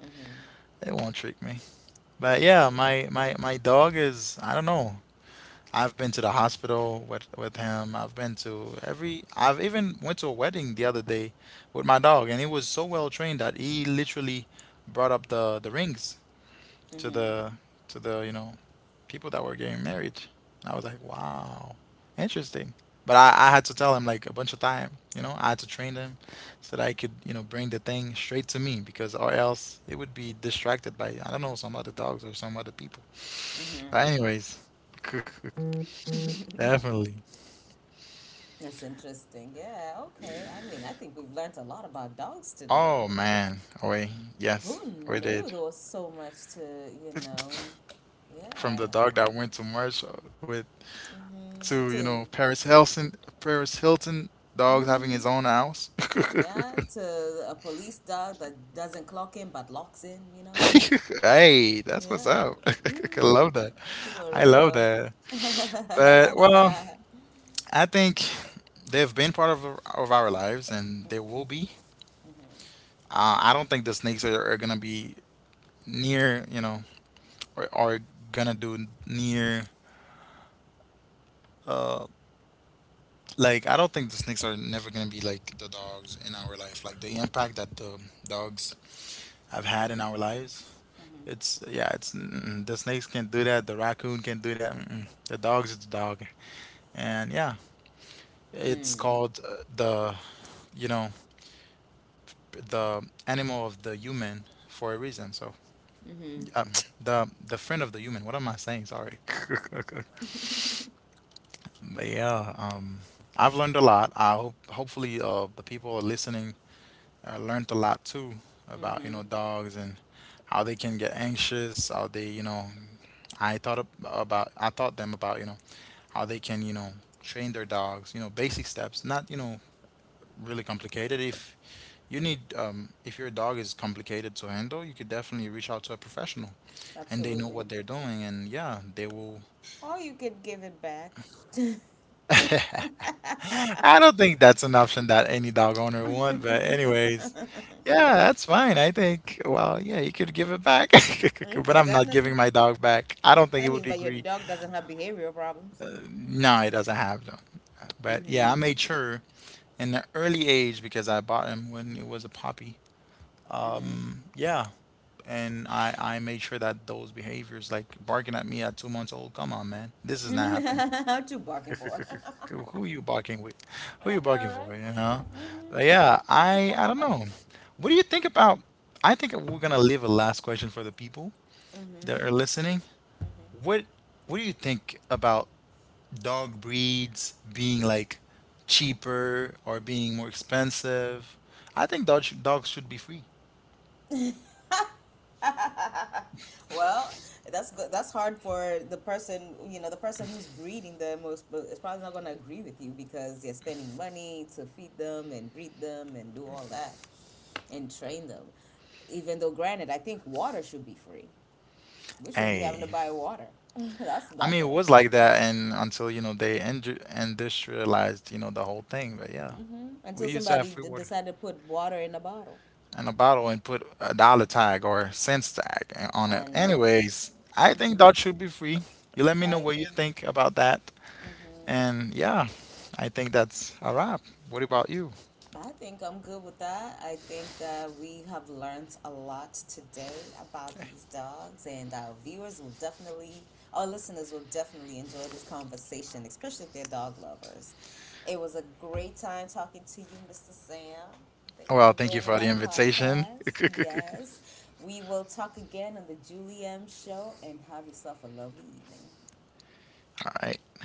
Speaker 1: Hmm.
Speaker 2: They won't trick me. But
Speaker 1: That's
Speaker 2: yeah,
Speaker 1: crazy.
Speaker 2: my dog is I don't know. I've been to the hospital with him. I've been to every I've even went to a wedding the other day with my dog and he was so well trained that he literally brought up the rings to the to the, you know, people that were getting married. I was like, "Wow, interesting." But I had to tell him like a bunch of time, you know, I had to train him so that I could, you know, bring the thing straight to me because or else it would be distracted by I don't know some other dogs or some other people.
Speaker 1: Hmm. Hmm.
Speaker 2: But anyways, [laughs] definitely.
Speaker 1: That's interesting. Yeah. Okay. I mean, I think we've learned a lot about dogs today.
Speaker 2: Oh man, wait, yes,
Speaker 1: Who
Speaker 2: we
Speaker 1: knew
Speaker 2: did.
Speaker 1: there was so much to, you
Speaker 2: [laughs]
Speaker 1: know,
Speaker 2: From
Speaker 1: yeah.
Speaker 2: the dog that went to March with
Speaker 1: Hmm.
Speaker 2: to, you
Speaker 1: To.
Speaker 2: know, Paris Hilton, Paris Hilton dog having
Speaker 1: Mhm.
Speaker 2: his own house. [laughs]
Speaker 1: Yeah, to a police dog that doesn't clock in but locks in, you know?
Speaker 2: Hey, that's what's
Speaker 1: Yeah.
Speaker 2: up. [laughs] I love that.
Speaker 1: Hmm. For
Speaker 2: I love
Speaker 1: real.
Speaker 2: that. But well,
Speaker 1: [laughs]
Speaker 2: I think they've been part of our lives, and they will be. I don't think the snakes are gonna be near, you know, or are gonna do near uh, like I don't think the snakes are never gonna be like the dogs in our life. Like the impact that the dogs have had in our lives. It's yeah, it's mm, the snakes can't do that. The raccoon can't do that. Mm-mm. The dogs is the dog, and yeah, it's
Speaker 1: Mm.
Speaker 2: called the you know the animal of the human for a reason. So
Speaker 1: Mm-hmm.
Speaker 2: um, [tsk] the friend of the human. What am I saying? Sorry. [laughs] But yeah, I've learned a lot. I hope hopefully the people listening I learned a lot too
Speaker 1: Mm-hmm.
Speaker 2: about you know
Speaker 1: Mm-hmm.
Speaker 2: dogs and how they can get anxious, how they you know I taught them about you know how they can you know train their dogs, you know basic steps, not you know really complicated. If you need if your dog is complicated to handle, you could definitely reach out to a professional and they know
Speaker 1: Absolutely.
Speaker 2: what they're doing and yeah, they will
Speaker 1: Or you could give it back. [laughs] You
Speaker 2: [laughs] I don't think that's an option that any dog owner want, but anyways. Yeah, that's fine. I think, well, yeah, you could give it back, [laughs] but
Speaker 1: could
Speaker 2: I'm not giving
Speaker 1: definitely.
Speaker 2: my dog back. I don't think
Speaker 1: I
Speaker 2: it would
Speaker 1: mean, but your
Speaker 2: agree.
Speaker 1: dog doesn't have behavioral problems.
Speaker 2: No, it doesn't have them. But yeah, I
Speaker 1: Mm-hmm.
Speaker 2: made sure in an early age because I bought him when it was a puppy.
Speaker 1: Mm-hmm.
Speaker 2: Yeah, and I made sure that those behaviors, like barking at me at 2 months old, come on, man, this is
Speaker 1: [laughs]
Speaker 2: not happening.
Speaker 1: What you barking for? [laughs]
Speaker 2: Who you barking with? Who
Speaker 1: I
Speaker 2: you barking
Speaker 1: know,
Speaker 2: for?
Speaker 1: right?
Speaker 2: You know? But yeah, I don't know. What do you think about? I think we're gonna leave a last question for the people that
Speaker 1: Mm-hmm.
Speaker 2: are listening. What what do you think about dog breeds being like cheaper or being more expensive? I think dog sh Dogs should be free.
Speaker 1: [laughs] Well, that's good. That's hard for the person, you know, the person who's breeding them most is probably not going to agree with you, because they're spending money to feed them and breed them and do all that and train them. Even though, granted, I think water should be free. We shouldn't be having
Speaker 2: Hey,
Speaker 1: to buy water. [laughs] that's
Speaker 2: I
Speaker 1: that's
Speaker 2: mean it
Speaker 1: what I.
Speaker 2: was like that and until you know they industrialized you know the whole thing. But yeah,
Speaker 1: Hmm.
Speaker 2: we
Speaker 1: Until
Speaker 2: used to have
Speaker 1: somebody
Speaker 2: free water
Speaker 1: decided to put water in a bottle.
Speaker 2: and a bottle and put a dollar tag or cents tag on
Speaker 1: I
Speaker 2: it.
Speaker 1: know.
Speaker 2: Anyways, I think
Speaker 1: Hmm.
Speaker 2: dogs should be free. You let me know
Speaker 1: I
Speaker 2: what you
Speaker 1: agree.
Speaker 2: think about that. And yeah, I think that's a wrap. What about you?
Speaker 1: I think I'm good with that. I think that we have learned a lot today about these dogs, and our viewers will definitely, our listeners will definitely enjoy this conversation, especially if they're dog lovers. It was a great time talking to you, Mr. Sam. Thank you for
Speaker 2: Well, thank you
Speaker 1: joining
Speaker 2: for the
Speaker 1: my
Speaker 2: invitation.
Speaker 1: podcast. Yes, we will talk again on the Julie M. Show, and have yourself a lovely evening.
Speaker 2: All right.